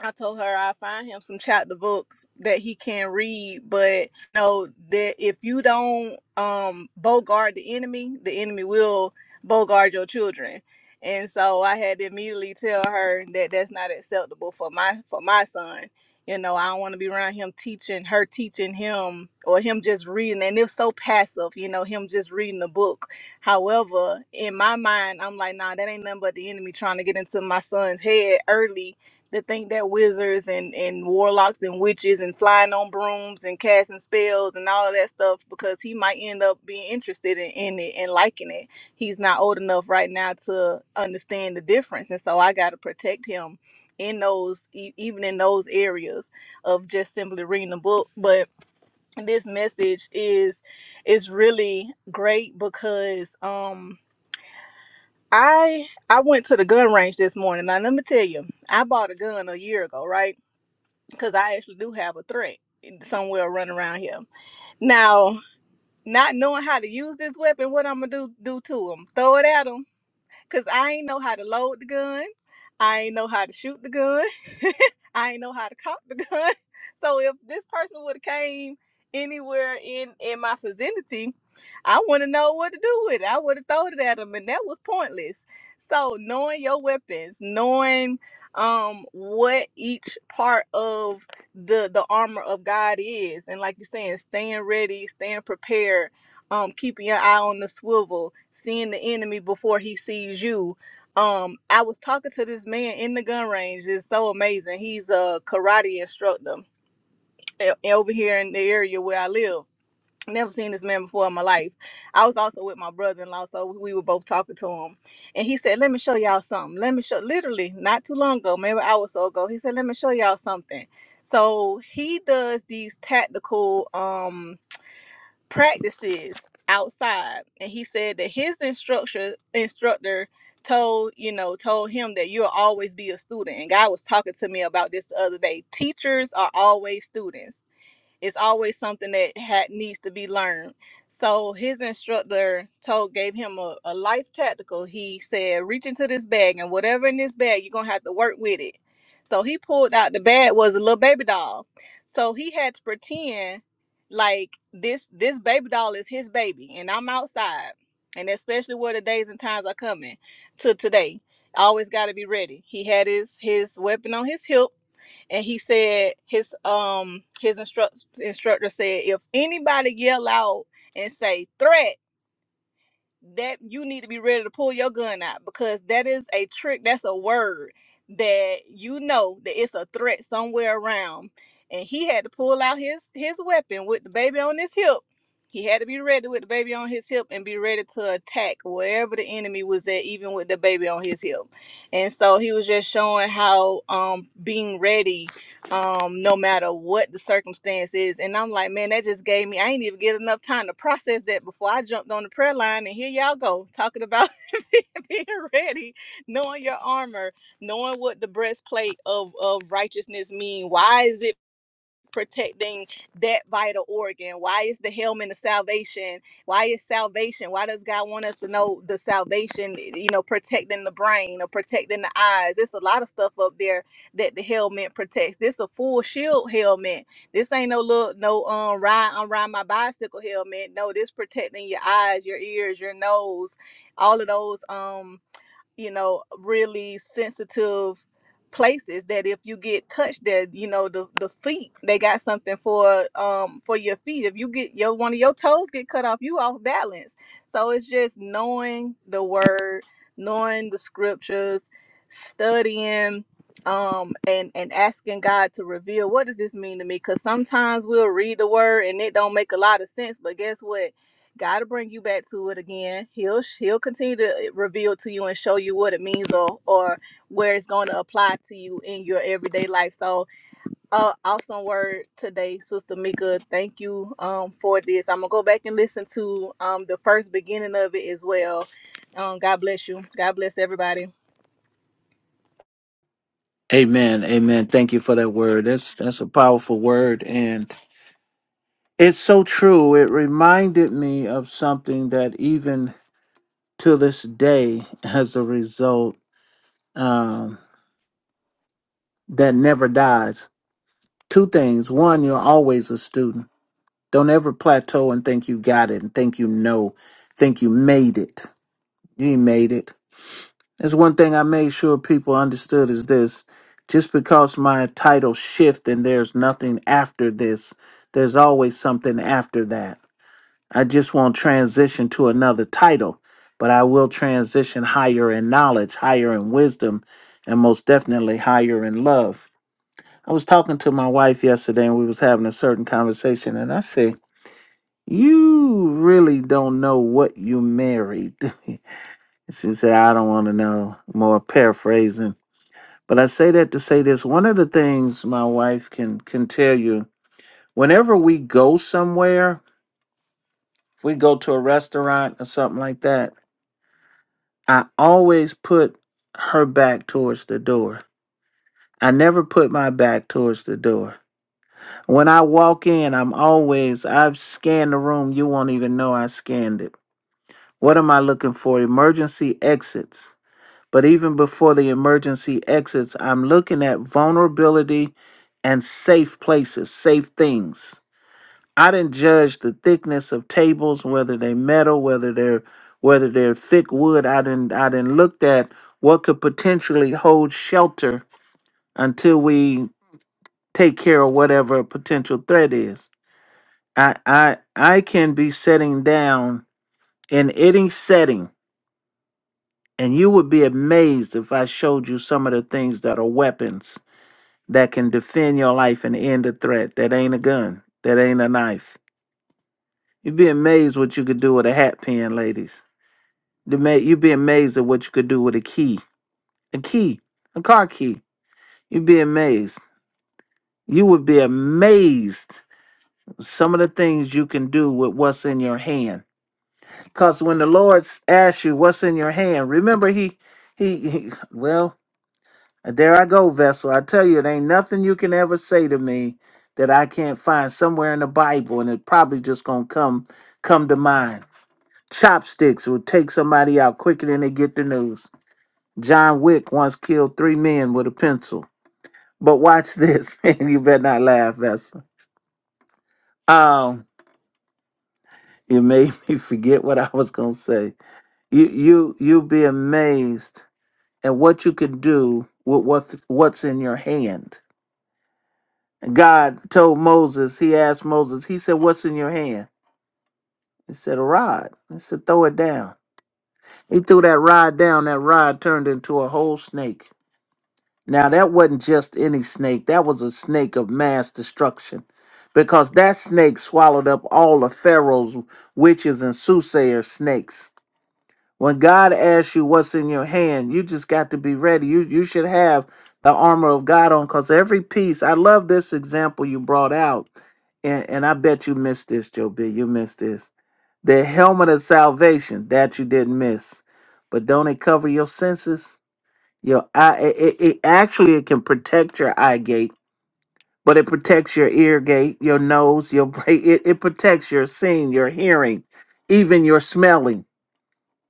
G: I told her I find him some chapter books that he can read, but no, that if you don't um bogard the enemy, the enemy will bogard your children. And so I had to immediately tell her that that's not acceptable for my for my son you know, I don't want to be around him teaching, her teaching him, or him just reading. And it's so passive, you know, him just reading the book. However, in my mind, I'm like, nah, that ain't nothing but the enemy trying to get into my son's head early to think that wizards and, and warlocks and witches and flying on brooms and casting spells and all of that stuff because he might end up being interested in, in it and liking it. He's not old enough right now to understand the difference. And so I got to protect him in those e- even in those areas of just simply reading the book but this message is is really great because um i i went to the gun range this morning now let me tell you i bought a gun a year ago right because i actually do have a threat somewhere running around here now not knowing how to use this weapon what i'm gonna do do to them throw it at at 'em? Cause I ain't know how to load the gun. I ain't know how to shoot the gun. I ain't know how to cock the gun. So if this person would have came anywhere in in my vicinity, I wouldn't know what to do with it. I would have thrown it at them, and that was pointless. So knowing your weapons, knowing um what each part of the the armor of God is, and like you're saying, staying ready, staying prepared um keeping your eye on the swivel seeing the enemy before he sees you um i was talking to this man in the gun range it's so amazing he's a karate instructor e- over here in the area where i live never seen this man before in my life i was also with my brother-in-law so we were both talking to him and he said let me show y'all something let me show literally not too long ago maybe an hour or so ago he said let me show y'all something so he does these tactical um practices outside and he said that his instructor instructor told you know told him that you'll always be a student and god was talking to me about this the other day teachers are always students it's always something that had needs to be learned. So his instructor told gave him a, a life tactical. He said, reach into this bag and whatever in this bag, you're gonna have to work with it. So he pulled out the bag was a little baby doll. So he had to pretend like this this baby doll is his baby and I'm outside. And especially where the days and times are coming to today. Always gotta be ready. He had his his weapon on his hip and he said his um his instruct, instructor said if anybody yell out and say threat that you need to be ready to pull your gun out because that is a trick that's a word that you know that it's a threat somewhere around and he had to pull out his his weapon with the baby on his hip he had to be ready with the baby on his hip and be ready to attack wherever the enemy was at even with the baby on his hip and so he was just showing how um being ready um, no matter what the circumstance is. And I'm like, man, that just gave me, I ain't even get enough time to process that before I jumped on the prayer line. And here y'all go, talking about being ready, knowing your armor, knowing what the breastplate of, of righteousness mean. Why is it? protecting that vital organ? Why is the helmet of salvation? Why is salvation? Why does God want us to know the salvation, you know, protecting the brain or protecting the eyes? It's a lot of stuff up there that the helmet protects. This a full shield helmet. This ain't no little no um ride on ride my bicycle helmet. No, this protecting your eyes, your ears, your nose, all of those um you know, really sensitive places that if you get touched that you know the the feet they got something for um for your feet if you get your one of your toes get cut off you off balance so it's just knowing the word knowing the scriptures studying um and and asking god to reveal what does this mean to me because sometimes we'll read the word and it don't make a lot of sense but guess what God will bring you back to it again. He'll he'll continue to eh, reveal to you and show you what it means or or where it's going to apply to you in your everyday life. So, uh, awesome word today, Sister Mika. Thank you um for this. I'm gonna go back and listen to um the first beginning of it as well. Um, God bless you. God bless everybody.
B: Amen. Amen. Thank you for that word. That's that's a powerful word, and it's so true. It reminded me of something that even to this day, has a result, um, that never dies. Two things. One, you're always a student Don't ever plateau and think you got it and think you know, think you made it. You ain't made it. That's one thing I made sure people understood is this. Just because my title shift and there's nothing after this, there's always something after that. I just won't transition to another title, but I will transition higher in knowledge, higher in wisdom, and most definitely higher in love. I was talking to my wife yesterday and we was having a certain conversation and I said, you really don't know what you married. she said, I don't want to know. More paraphrasing. But I say that to say this. One of the things my wife can can tell you, whenever we go somewhere, if we go to a restaurant or something like that, I always put her back towards the door. I never put my back towards the door. When I walk in, I'm always I've scanned the room. You won't even know I scanned it. What am I looking for? Emergency exits. But even before the emergency exits, I'm looking at vulnerability and safe places, safe things. I didn't judge the thickness of tables, whether they metal, whether they're whether they're thick wood. I didn't I didn't look at what could potentially hold shelter until we take care of whatever potential threat is. I I I can be setting down in any setting And you would be amazed if I showed you some of the things that are weapons that can defend your life and end a threat. That ain't a gun. That ain't a knife. You'd be amazed what you could do with a hat pin, ladies. You'd ma- you'd be amazed at what you could do with a key. A key. A car key. You'd be amazed. You would be amazed some of the things you can do with what's in your hand. Because when the Lord asks you what's in your hand, remember he he, he well And there I go, vessel. I tell you, it ain't nothing you can ever say to me that I can't find somewhere in the Bible, and it probably just gonna come come to mind. Chopsticks will take somebody out quicker than they get the news. John Wick once killed three men with a pencil. But watch this. and you better not laugh, Vessel. Um, you made me forget what I was gonna say. You you you'll be amazed at what you can do with what what's in your hand God told Moses, he asked Moses, he said, What's in your hand? He said, A rod. He said, Throw it down. He threw that rod down. That rod turned into a whole snake. Now, that wasn't just any snake, that was a snake of mass destruction because that snake swallowed up all of Pharaoh's witches and soothsayer snakes. When God asks you what's in your hand, you just got to be ready. You you should have the armor of God on because every piece. I love this example you brought out, and, and I bet you missed this, Joe B. You missed this. The helmet of salvation that you didn't miss, but don't it cover your senses? Your eye. It, it, it actually it can protect your eye gate, but it protects your ear gate, your nose, your brain. It, it protects your seeing, your hearing, even your smelling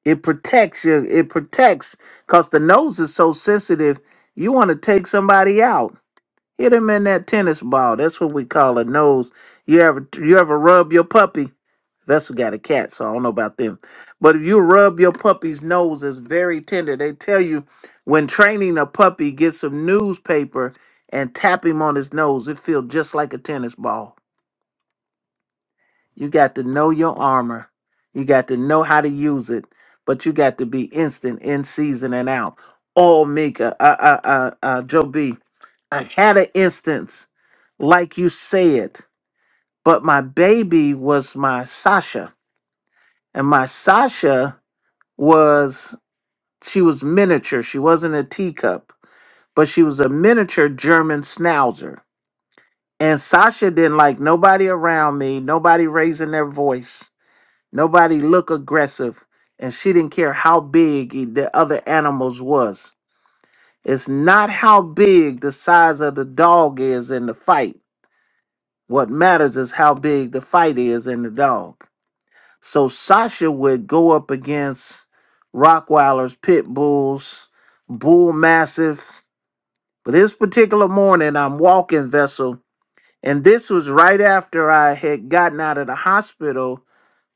B: it protects you. It protects because the nose is so sensitive. You want to take somebody out. Hit him in that tennis ball. That's what we call a nose. You ever you ever rub your puppy? Vessel got a cat, so I don't know about them. But if you rub your puppy's nose, it's very tender. They tell you when training a puppy, get some newspaper and tap him on his nose. It feels just like a tennis ball. You got to know your armor. You got to know how to use it, but you got to be instant in season and out. Oh, Mika, uh, uh, uh, uh, Joe B, I had an instance, like you said, but my baby was my Sasha, and my Sasha was she was miniature. She wasn't a teacup, but she was a miniature German Schnauzer. And Sasha didn't like nobody around me, nobody raising their voice. Nobody look aggressive, and she didn't care how big e- the other animals was. It's not how big the size of the dog is in the fight. What matters is how big the fight is in the dog. So Sasha would go up against Rockweilers, Pit Bulls, Bull Mastiffs. But this particular morning, I'm walking vessel, and this was right after I had gotten out of the hospital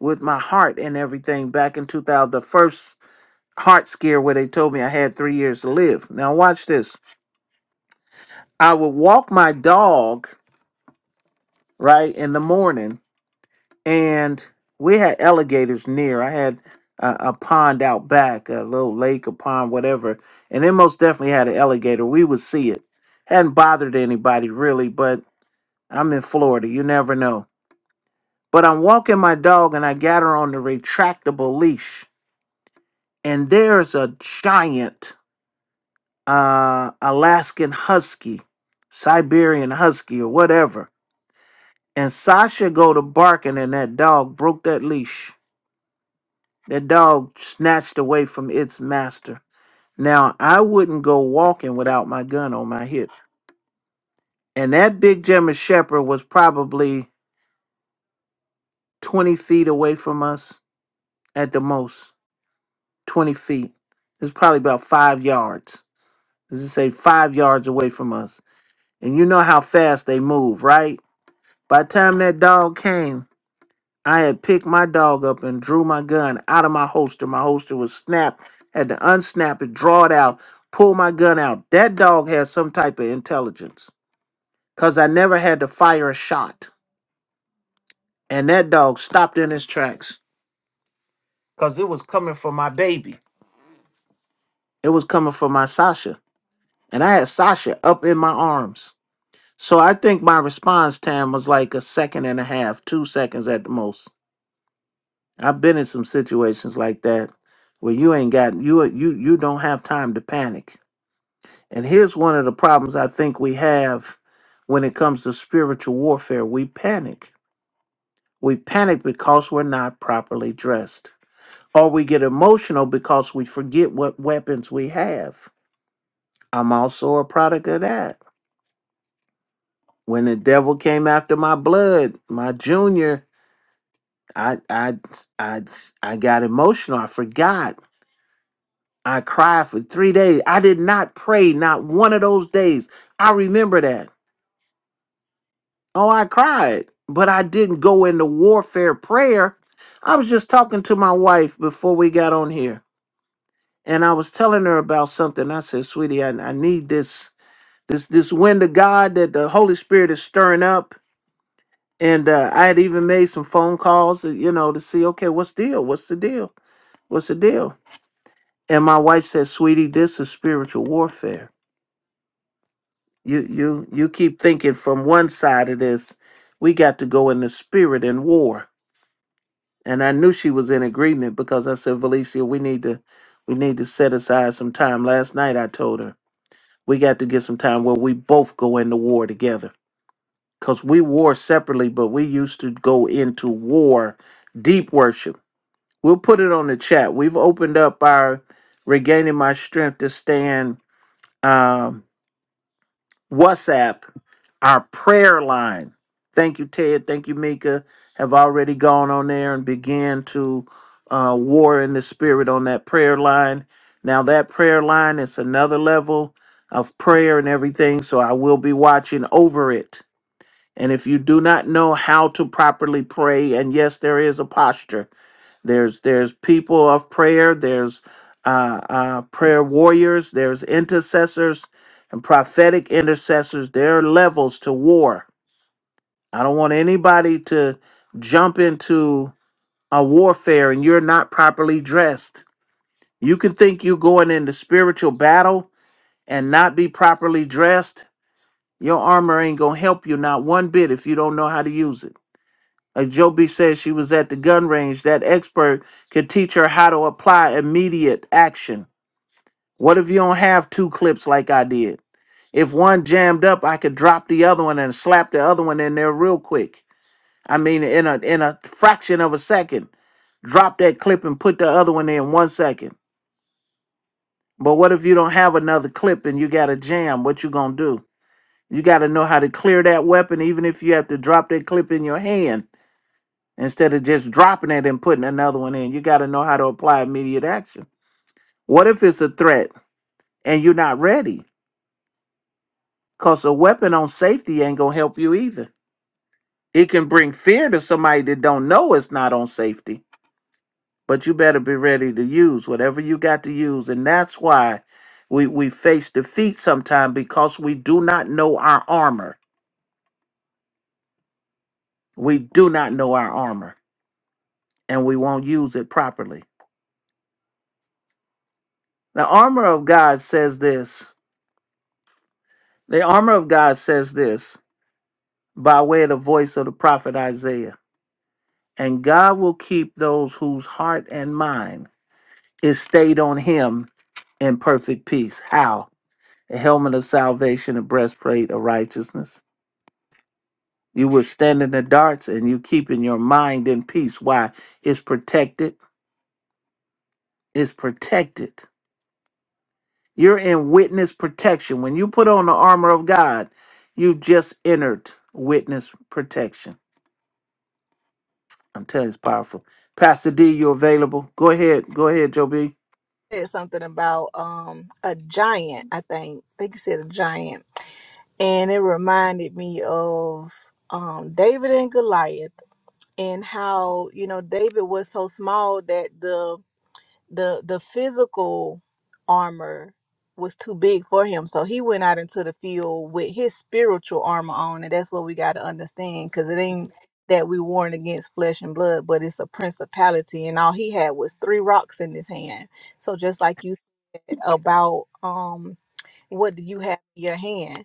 B: with my heart and everything back in 2000, heart scare where they told me I had three years to live. Now, watch this. I would walk my dog, right, in the morning, and we had alligators near. I had a, a pond out back, a little lake, a pond, whatever, and it most definitely had an alligator. We would see it. Hadn't bothered anybody really, but I'm in Florida. You never know. But I'm walking my dog, and I got her on the retractable leash, and there's a giant uh, Alaskan Husky, Siberian Husky, or whatever. And Sasha go to barking, and that dog broke that leash. That dog snatched away from its master. Now I wouldn't go walking without my gun on my hip. And that big German Shepherd was probably 20 feet away from us at the most. 20 feet. It's probably about five yards. Let's just say five yards away from us. And you know how fast they move, right? By the time that dog came, I had picked my dog up and drew my gun out of my holster. My holster was snapped, had to unsnap it, draw it out, pull my gun out. That dog had some type of intelligence because I never had to fire a shot. And that dog stopped in his tracks because it was coming for my baby. It was coming for my Sasha. And I had Sasha up in my arms. So I think my response time was like a second and a half, two seconds at the most. I've been in some situations like that where you ain't got you you you don't have time to panic. And here's one of the problems I think we have when it comes to spiritual warfare. We panic. We panic because we're not properly dressed. Or we get emotional because we forget what weapons we have. I'm also a product of that. When the devil came after my blood, my junior, I I I I got emotional. I forgot I cried for three days. I did not pray, not one of those days. I remember that. Oh, I cried, but I didn't go into warfare prayer. I was just talking to my wife before we got on here, and I was telling her about something. I said, "Sweetie, I, I need this, this, this wind of God that the Holy Spirit is stirring up." And uh, I had even made some phone calls, uh, you know, to see, okay, what's the deal? What's the deal? What's the deal? And my wife said, "Sweetie, this is spiritual warfare." You you you keep thinking from one side of this, we got to go in the spirit and war. And I knew she was in agreement because I said, Valencia, we need to we need to set aside some time. Last night I told her we got to get some time where we both go into war together. Cause we war separately, but we used to go into war, deep worship. We'll put it on the chat. We've opened up our regaining my strength to stand um WhatsApp Our prayer line. Thank you, Ted. Thank you, Mika. Have already gone on there and began to uh, war in the spirit on that prayer line. Now, that prayer line is another level of prayer and everything, so I will be watching over it. And if you do not know how to properly pray, and yes, there is a posture, there's there's people of prayer. There's uh, uh, prayer warriors. There's intercessors and prophetic intercessors. There are levels to war. I don't want anybody to jump into a warfare and you're not properly dressed. You can think you're going into spiritual battle and not be properly dressed. Your armor ain't gonna help you not one bit if you don't know how to use it. As Joby said, she was at the gun range. That expert could teach her how to apply immediate action. What if you don't have two clips like I did? If one jammed up, I could drop the other one and slap the other one in there real quick. I mean, in a in a fraction of a second, drop that clip and put the other one in one second. But what if you don't have another clip and you got a jam? What you gonna do? You got to know how to clear that weapon, even if you have to drop that clip in your hand instead of just dropping it and putting another one in. You got to know how to apply immediate action. What if it's a threat and you're not ready? Because a weapon on safety ain't going to help you either. It can bring fear to somebody that don't know it's not on safety, but you better be ready to use whatever you got to use. And that's why we, we face defeat sometimes because we do not know our armor. We do not know our armor and we won't use it properly. The armor of God says this The armor of God says this by way of the voice of the prophet Isaiah. And God will keep those whose heart and mind is stayed on him in perfect peace. How? A helmet of salvation, a breastplate of righteousness. You withstanding the darts and you keeping your mind in peace. Why? It's protected. It's protected. You're in witness protection. When you put on the armor of God, you just entered witness protection. I'm telling you, it's powerful. Pastor D, you available? Go ahead. Go ahead, Joe B.
G: Said something about um a giant. I think I think you said a giant, and it reminded me of um David and Goliath and how you know David was so small that the the the physical armor was too big for him so he went out into the field with his spiritual armor on and that's what we got to understand because it ain't that we warring against flesh and blood but it's a principality and all he had was three rocks in his hand so just like you said about um what do you have in your hand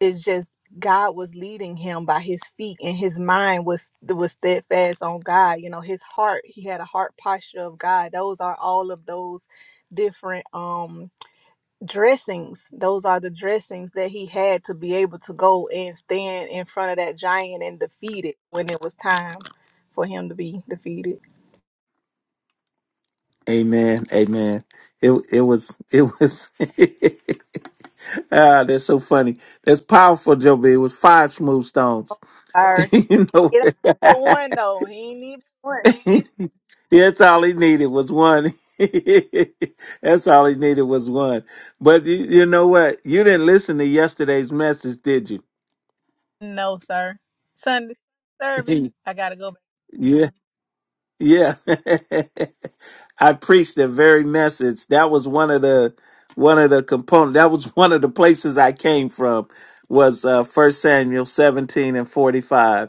G: it's just god was leading him by his feet and his mind was was steadfast on god you know his heart he had a heart posture of god those are all of those different um dressings those are the dressings that he had to be able to go and stand in front of that giant and defeat it when it was time for him to be defeated
B: Amen. Amen. It it was it was Ah, that's so funny. That's powerful, Joe. B. It was five smooth stones.
G: sorry
B: you know,
G: it only took one though he ain't need one
B: that's all he needed was one. that's all he needed was one. But you, you know what? You didn't listen to yesterday's message, did you?
G: no sir sunday service i gotta go
B: yeah, yeah. I preached the very message. That was one of the one of the component. That was one of the places I came from. Was uh First Samuel seventeen and forty five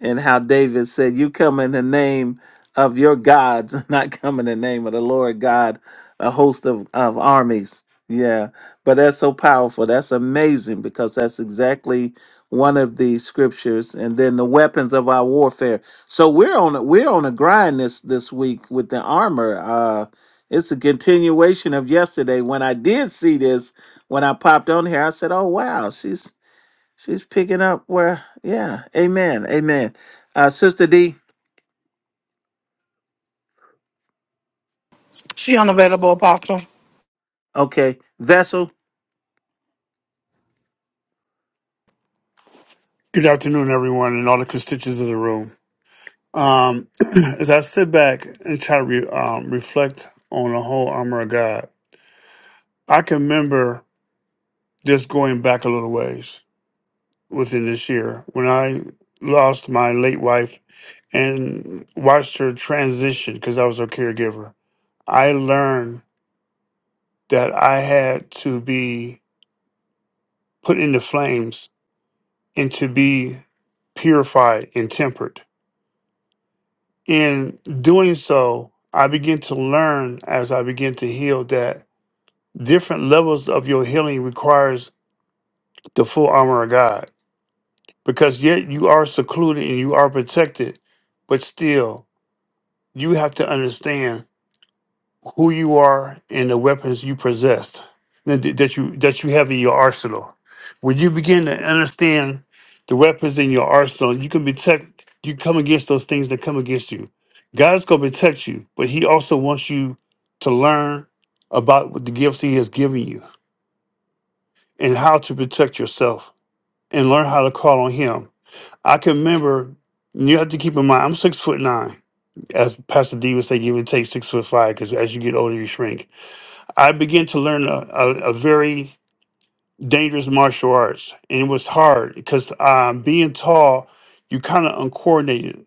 B: and how David said, You come in the name of your gods, not come in the name of the Lord God, a host of, of armies. Yeah. But that's so powerful. That's amazing because that's exactly one of the scriptures. And then the weapons of our warfare. So we're on a we're on a grind this this week with the armor. Uh it's a continuation of yesterday when I did see this when I popped on here. I said, "Oh wow, she's She's picking up where, yeah, amen, amen. Uh, Sister D,
A: She unavailable, Apostle.
B: okay, vessel,
E: Good afternoon, everyone, and all the constituents of the room. Um, as I sit back and try to re, um, reflect on the whole armor of God, I can remember just going back a little ways within this year when I lost my late wife and watched her transition because I was her caregiver. I learned that I had to be put in the flames and to be purified and tempered In doing so, I begin to learn as I begin to heal that different levels of your healing requires the full armor of God. Because yet you are secluded and you are protected, but still you have to understand who you are and the weapons you possess that that you that you have in your arsenal. When you begin to understand the weapons in your arsenal, you can protect. You come against those things that come against you. God's gonna protect you, but He also wants you to learn about what the gifts He has given you and how to protect yourself and learn how to call on Him. I can remember. and You have to keep in mind, I'm six foot nine. As Pastor D would say, give and take six foot five, because as you get older, you shrink I began to learn a, a, a very dangerous martial arts, and it was hard because um, being tall, you kind of uncoordinated.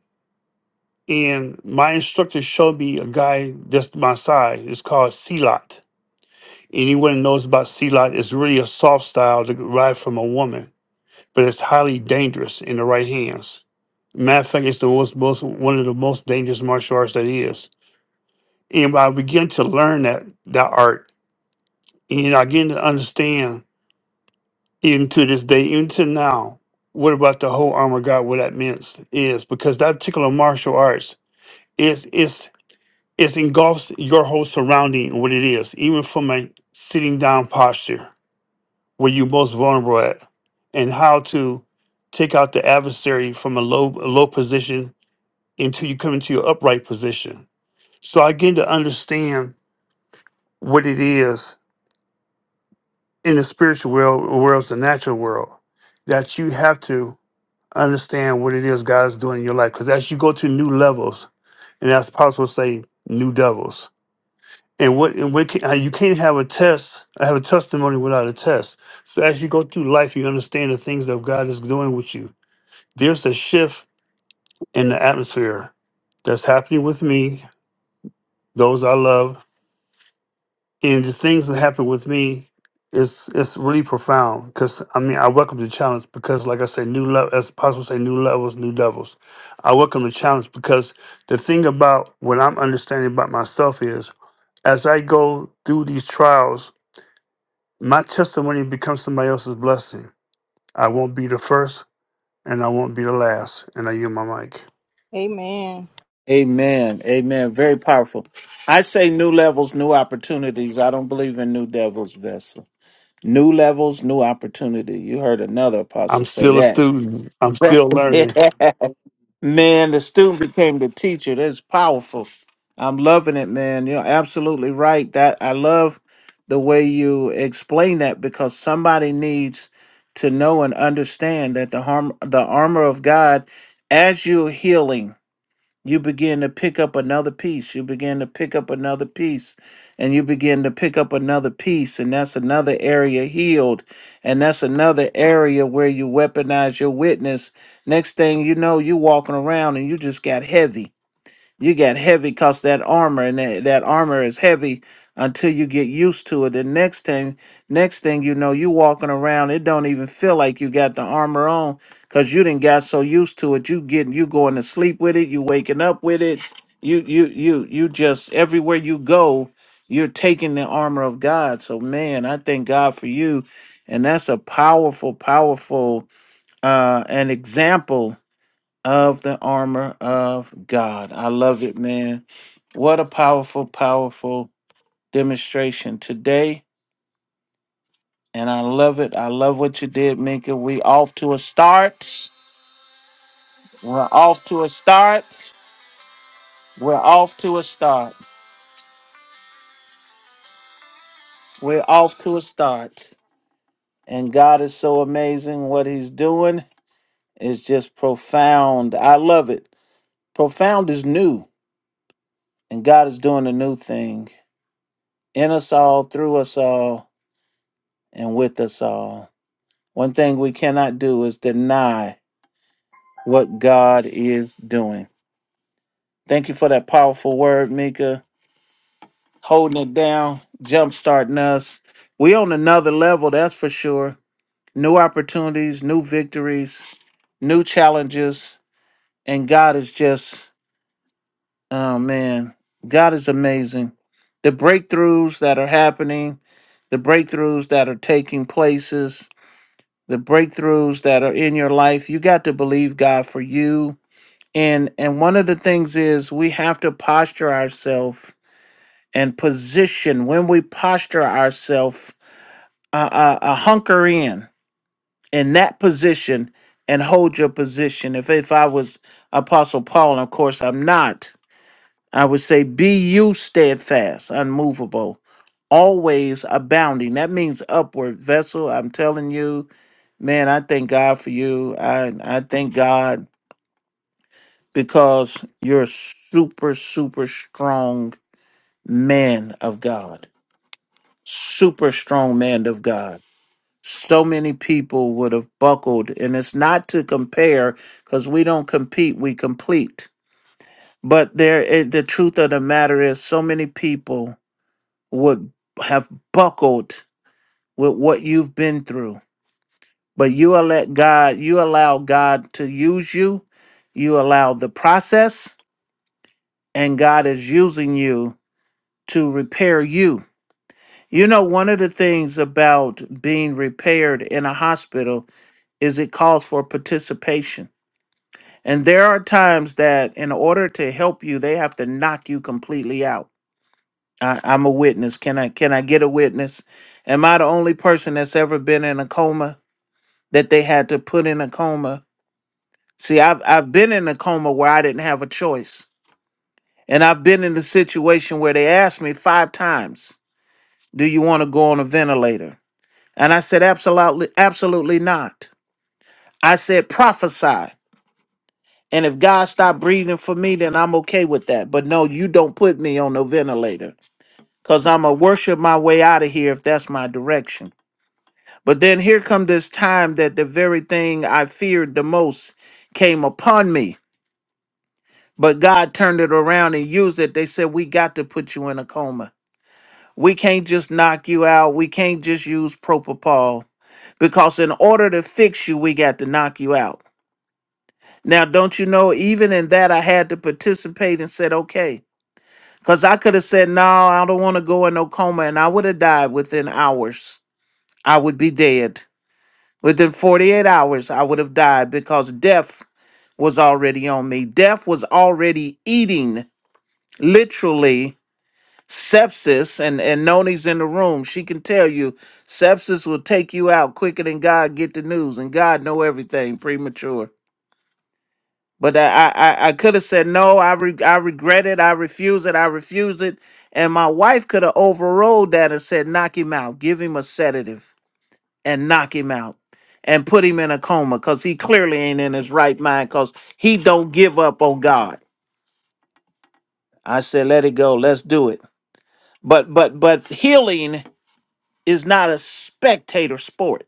E: And my instructor showed me a guy that's my size. It's called Silat. Anyone who knows about Silat, it's really a soft style to ride from a woman, but it's highly dangerous in the right hands. Matter of fact, it's the most, most one of the most dangerous martial arts that is. And I began to learn that that art, and I began to understand even to this day, even to now, what about the whole armor of God? What that means is because that particular martial arts is is is engulfs your whole surrounding, what it is, even from a sitting down posture where you're most vulnerable at, and how to take out the adversary from a low a low position until you come into your upright position. So I begin to understand what it is in the spiritual world, world, the natural world, that you have to. understand what it is God is doing in your life. Because as you go to new levels, and as possible, say new devils. And what and what can, uh, you can't have a test, have a testimony without a test. So as you go through life, you understand the things that God is doing with you. There's a shift in the atmosphere that's happening with me, those I love, and the things that happen with me is it's really profound because I mean I welcome the challenge because like I say new level as possible say new levels new devils. I welcome the challenge because the thing about what I'm understanding about myself is as I go through these trials my testimony becomes somebody else's blessing I won't be the first and I won't be the last and I use my mic
G: Amen.
B: amen, amen. Very powerful. I say new levels, new opportunities. I don't believe in new devils, vessel. New levels, new opportunity. You heard another
E: I'm
B: apostle say
E: still a student I'm still learning
B: that. Man, the student became the teacher. That's powerful. I'm loving it, man. You're absolutely right. That I love the way you explain that because somebody needs to know and understand that the harm the armor of God as you're healing you begin to pick up another piece you begin to pick up another piece and you begin to pick up another piece and that's another area healed and that's another area where you weaponize your witness next thing you know you walking around and you just got heavy you got heavy cause that armor and that, that armor is heavy until you get used to it the next thing next thing you know you walking around it don't even feel like you got the armor on because you didn't got so used to it you getting you going to sleep with it you waking up with it you you you you just everywhere you go you're taking the armor of god so man i thank god for you and that's a powerful powerful uh an example of the armor of God. I love it, man. What a powerful, powerful demonstration today. And I love it. I love what you did, Minka. We off to a start. We're off to a start. We're off to a start. We're off to a start. And God is so amazing. What he's doing is just profound. I love it. Profound is new. And God is doing a new thing in us all, through us all, and with us all. One thing we cannot do is deny what God is doing. Thank you for that powerful word, Mika. Holding it down, jumpstarting us. We on another level, that's for sure. New opportunities, new victories, new challenges, and God is just oh man, God is amazing. The breakthroughs that are happening, the breakthroughs that are taking places, the breakthroughs that are in your life, you got to believe God for you and and one of the things is we have to posture ourselves and position when we posture ourselves uh, uh, uh, hunker in in that position and hold your position if if i was apostle paul and of course i'm not i would say be you steadfast unmovable always abounding that means upward vessel i'm telling you man i thank god for you i i thank god because you're super, super strong man of God. Super strong man of God. So many people would have buckled, and it's not to compare because we don't compete, we complete. But there, it, the truth of the matter is, so many people would have buckled with what you've been through. But you are let God, you allow God to use you, you allow the process, and God is using you to repair you. You know, one of the things about being repaired in a hospital is it calls for participation. And there are times that in order to help you, they have to knock you completely out. I, I'm a witness. Can I can I get a witness? Am I the only person that's ever been in a coma that they had to put in a coma? See, I've I've been in a coma where I didn't have a choice. And I've been in a situation where they asked me five times, do you want to go on a ventilator? And I said, absolutely, absolutely not. I said, prophesy. And if God stopped breathing for me, then I'm okay with that. But no, you don't put me on no ventilator because I'm going to worship my way out of here if that's my direction. But then here come this time that the very thing I feared the most came upon me. But God turned it around and used it. They said, we got to put you in a coma. We can't just knock you out. We can't just use propofol because in order to fix you, we got to knock you out. Now, don't you know, even in that, I had to participate and said, okay. Because I could have said, no, I don't want to go in no coma, and I would have died within hours. I would be dead. Within 48 hours, I would have died because death was already on me. Death was already eating, literally, sepsis. And, and Noni's in the room. She can tell you, sepsis will take you out quicker than God get the news, and God know everything premature. But I I, I could have said no. I re- I regret it. I refuse it. I refuse it. And my wife could have overrode that and said, knock him out. Give him a sedative and knock him out and put him in a coma because he clearly ain't in his right mind because he don't give up on God. I said, let it go. Let's do it. But but but healing is not a spectator sport.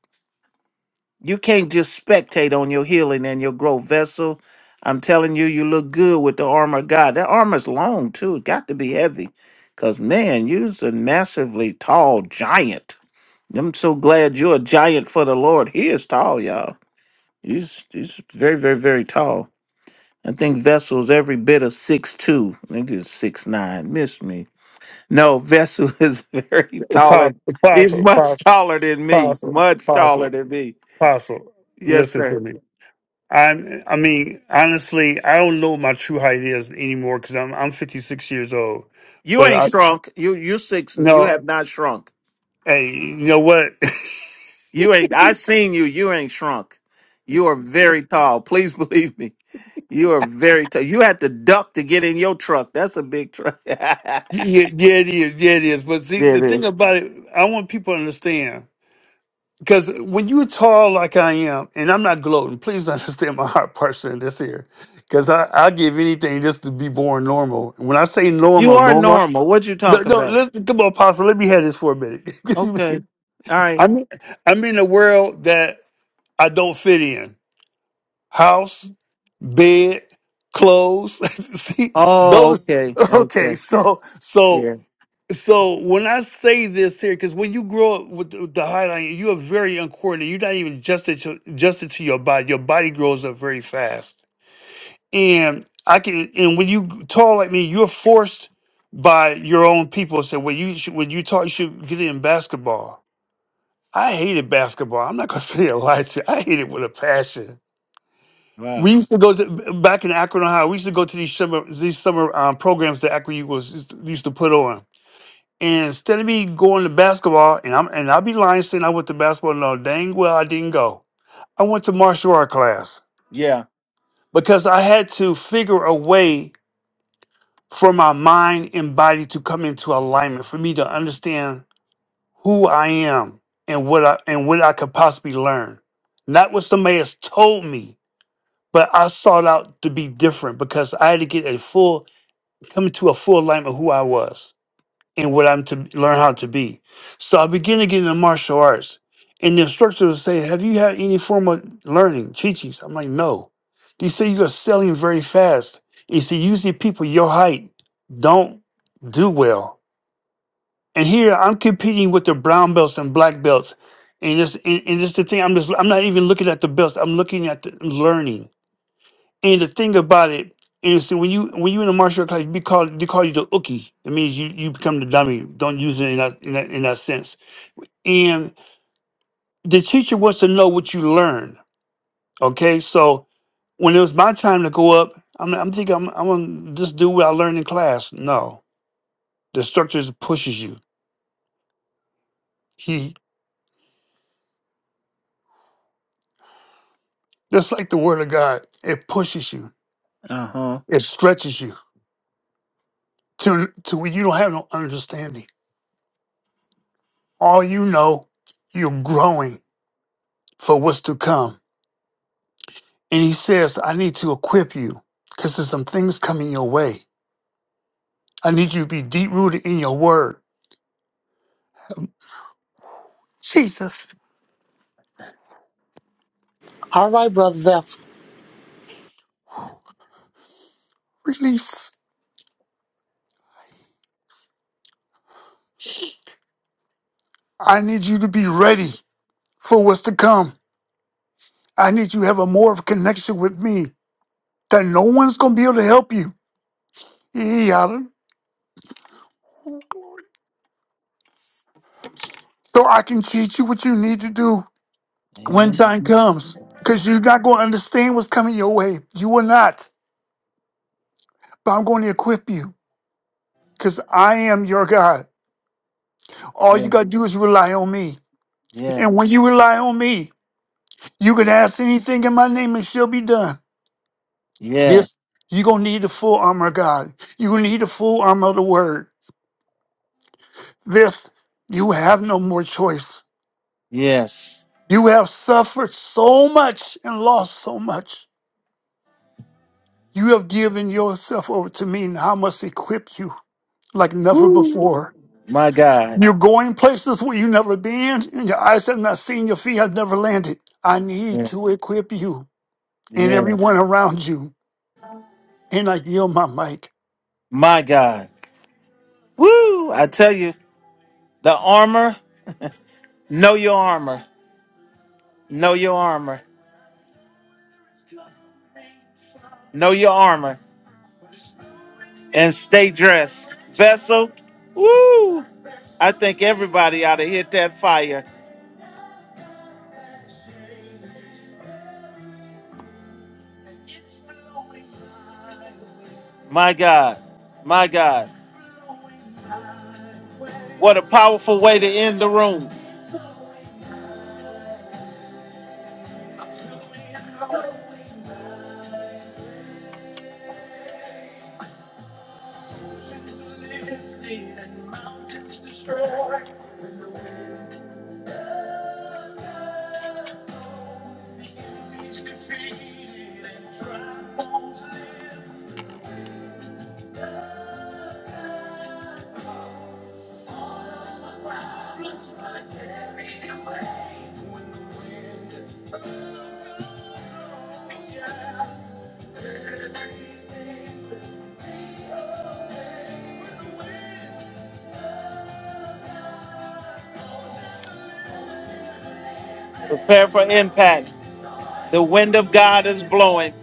B: You can't just spectate on your healing and your growth vessel. I'm telling you, you look good with the armor of God. That armor's long too. It got to be heavy. Cause man, you's a massively tall giant. I'm so glad you're a giant for the Lord. He is tall, y'all. He's he's very, very, very tall. I think Vessel's every bit of six two. I think it's six nine. Miss me. No, Vessel is very taller.
E: apostle
B: He's
E: apostle
B: much
E: apostle
B: taller than me.
E: apostle
B: Much
E: apostle.
B: taller than me.
E: Apostle,
B: Yes,
E: listen
B: sir.
E: to me. I I mean, honestly, I don't know my true height is anymore because I'm I'm 56 years old.
B: You
E: But
B: ain't
E: I
B: shrunk. You you six. You
E: no,
B: have not shrunk.
E: hey, you know what?
B: You ain't. I seen you. You ain't shrunk. You are very tall. Please believe me. You are very tall. You had to duck to get in your truck. That's a big truck. yeah,
E: yeah, yeah, it is. Yeah, it is. But see, the
B: it is.
E: thing about it, I want people to understand because when you're tall like I am, and I'm not gloating. Please understand my heart person in this here, because I I give anything just to be born normal. When I say
B: You
E: normal,
B: are
E: normal.
B: normal. What you
E: No,
B: talking
E: no,
B: about?
E: listen, come on, Apostle. Let me have this for a minute.
B: Okay. All right.
E: I'm I'm in a world that I don't fit in. House, bed, clothes. See
B: Oh,
E: those.
B: okay.
E: Okay,
B: Okay.
E: so so
B: Yeah.
E: so when I say this here, because when you grow up with the, with the highlight, you are very uncoordinated. You're not even adjusted to, adjusted to your body. Your body grows up very fast, and I can. And when you tall like me, you're forced by your own people. So when you should- when you tall, you should get in basketball I hated basketball. I'm not gonna say a lie to you. I hated it with a passion. We
B: Wow.
E: used to go to back in Akron, Ohio. We used to go to these summer these summer um, programs that Akron was used to used to put on. And instead of me going to basketball, and I'm and I'll be lying saying I went to basketball. No, dang well I didn't go. I went to martial art class
B: Yeah.
E: because I had to figure a way for my mind and body to come into alignment for me to understand who I am and what I and what I could possibly learn. Not what somebody has told me, but I sought out to be different because I had to get a full come to a full alignment of who I was and what I'm to learn how to be. So I began to get into martial arts. And the instructor would say, Have you had any form of learning? chi I'm like, no. They say you're selling very fast. He said, usually people your height don't do well. And here I'm competing with the brown belts and black belts. And this and, and this the thing. I'm just I'm not even looking at the belts. I'm looking at the learning. And the thing about it is that when you when you in a martial art class, you be called they call you the uki. It means you you become the dummy. Don't use it in that in that, in that sense. And the teacher wants to know what you learn. Okay, so when it was my time to go up, I'm I'm thinking I'm I'm gonna just do what I learned in class. No, the instructor just pushes you. He that's like the word of God. It pushes you
B: Uh huh.
E: It stretches you to to where you don't have no understanding. All you know, you're growing for what's to come. And he says, I need to equip you because there's some things coming your way. I need you to be deep rooted in your word. Jesus,
D: All right, brother. Vessel.
E: release. I need you to be ready for what's to come. I need you to have a more of a connection with me that no one's going to be able to help you. Yeah. So I can teach you what you need to do when
B: Amen.
E: time comes because you're not going to understand what's coming your way. You will not. But I'm going to equip you because I am your God. All
B: Yeah.
E: you got to do is rely on me.
B: Yeah.
E: And when you rely on me, you can ask anything in my name and shall be done.
B: Yeah.
E: This, you're going to need the full armor of God. You're going to need the full armor of the word. This, you have no more choice.
B: Yes.
E: You have suffered so much and lost so much. You have given yourself over to me, and I must equip you like never before.
B: My God.
E: You're going places where you've never been, and your eyes have not seen, your feet have never landed. I need
B: Yeah.
E: to equip you and
B: Yeah.
E: everyone around you. And I yield my mic.
B: My God. Woo! I tell you, the armor, know your armor, know your armor, know your armor, and stay dressed. Vessel, woo! I think everybody ought to hit that fire. My God, my God. What a powerful way to end the room. Prepare for impact. The wind of God is blowing.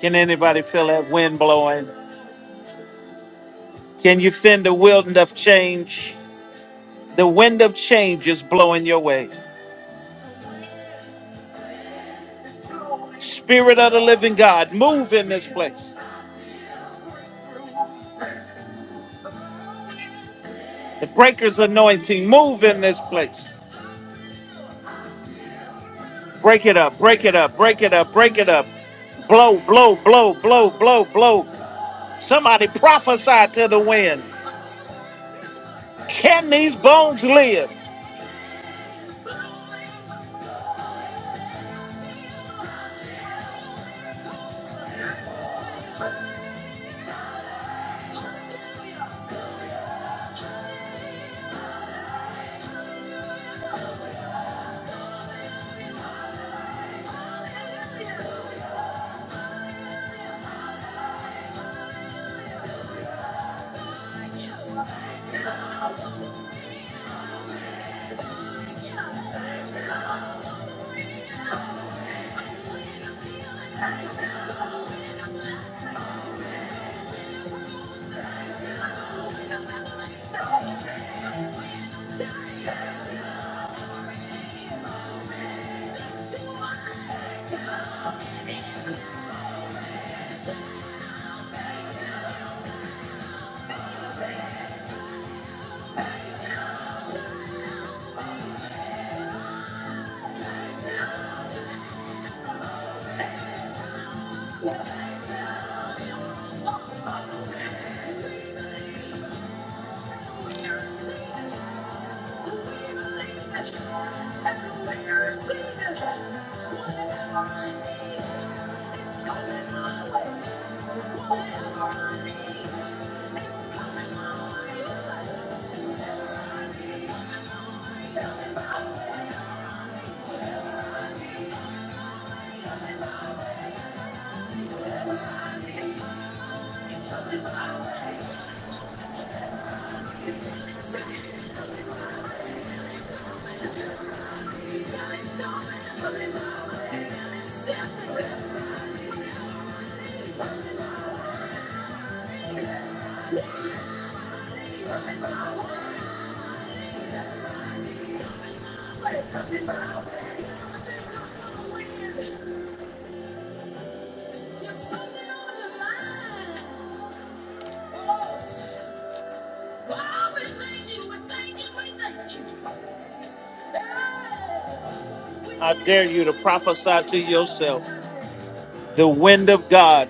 B: Can anybody feel that wind blowing? Can you feel the wind of change? The wind of change is blowing your way. Spirit of the living God, move in this place. The breaker's anointing, move in this place. Break it up, break it up, break it up, break it up. Blow, blow, blow, blow, blow, blow. Somebody prophesy to the wind. Can these bones live? I dare you to prophesy to yourself. The wind of God.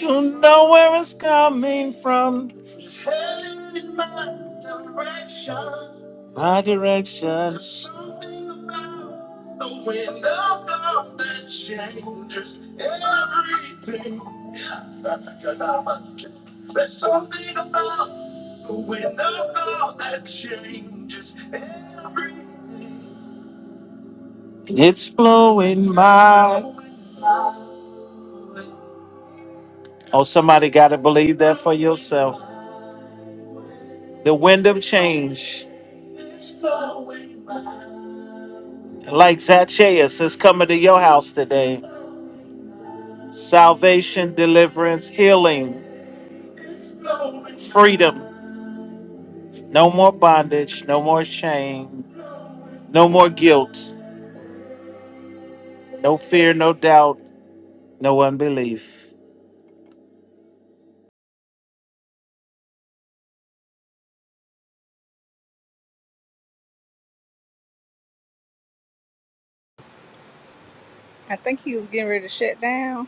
B: You know where it's coming from. my directions. And it's blowing my. Oh, somebody got to believe that for yourself. The wind of change, like Zacchaeus, is coming to your house today. Salvation, deliverance, healing. freedom. No more bondage, no more shame, no more guilt, no fear, no doubt, no unbelief.
G: I think he was getting ready to shut down.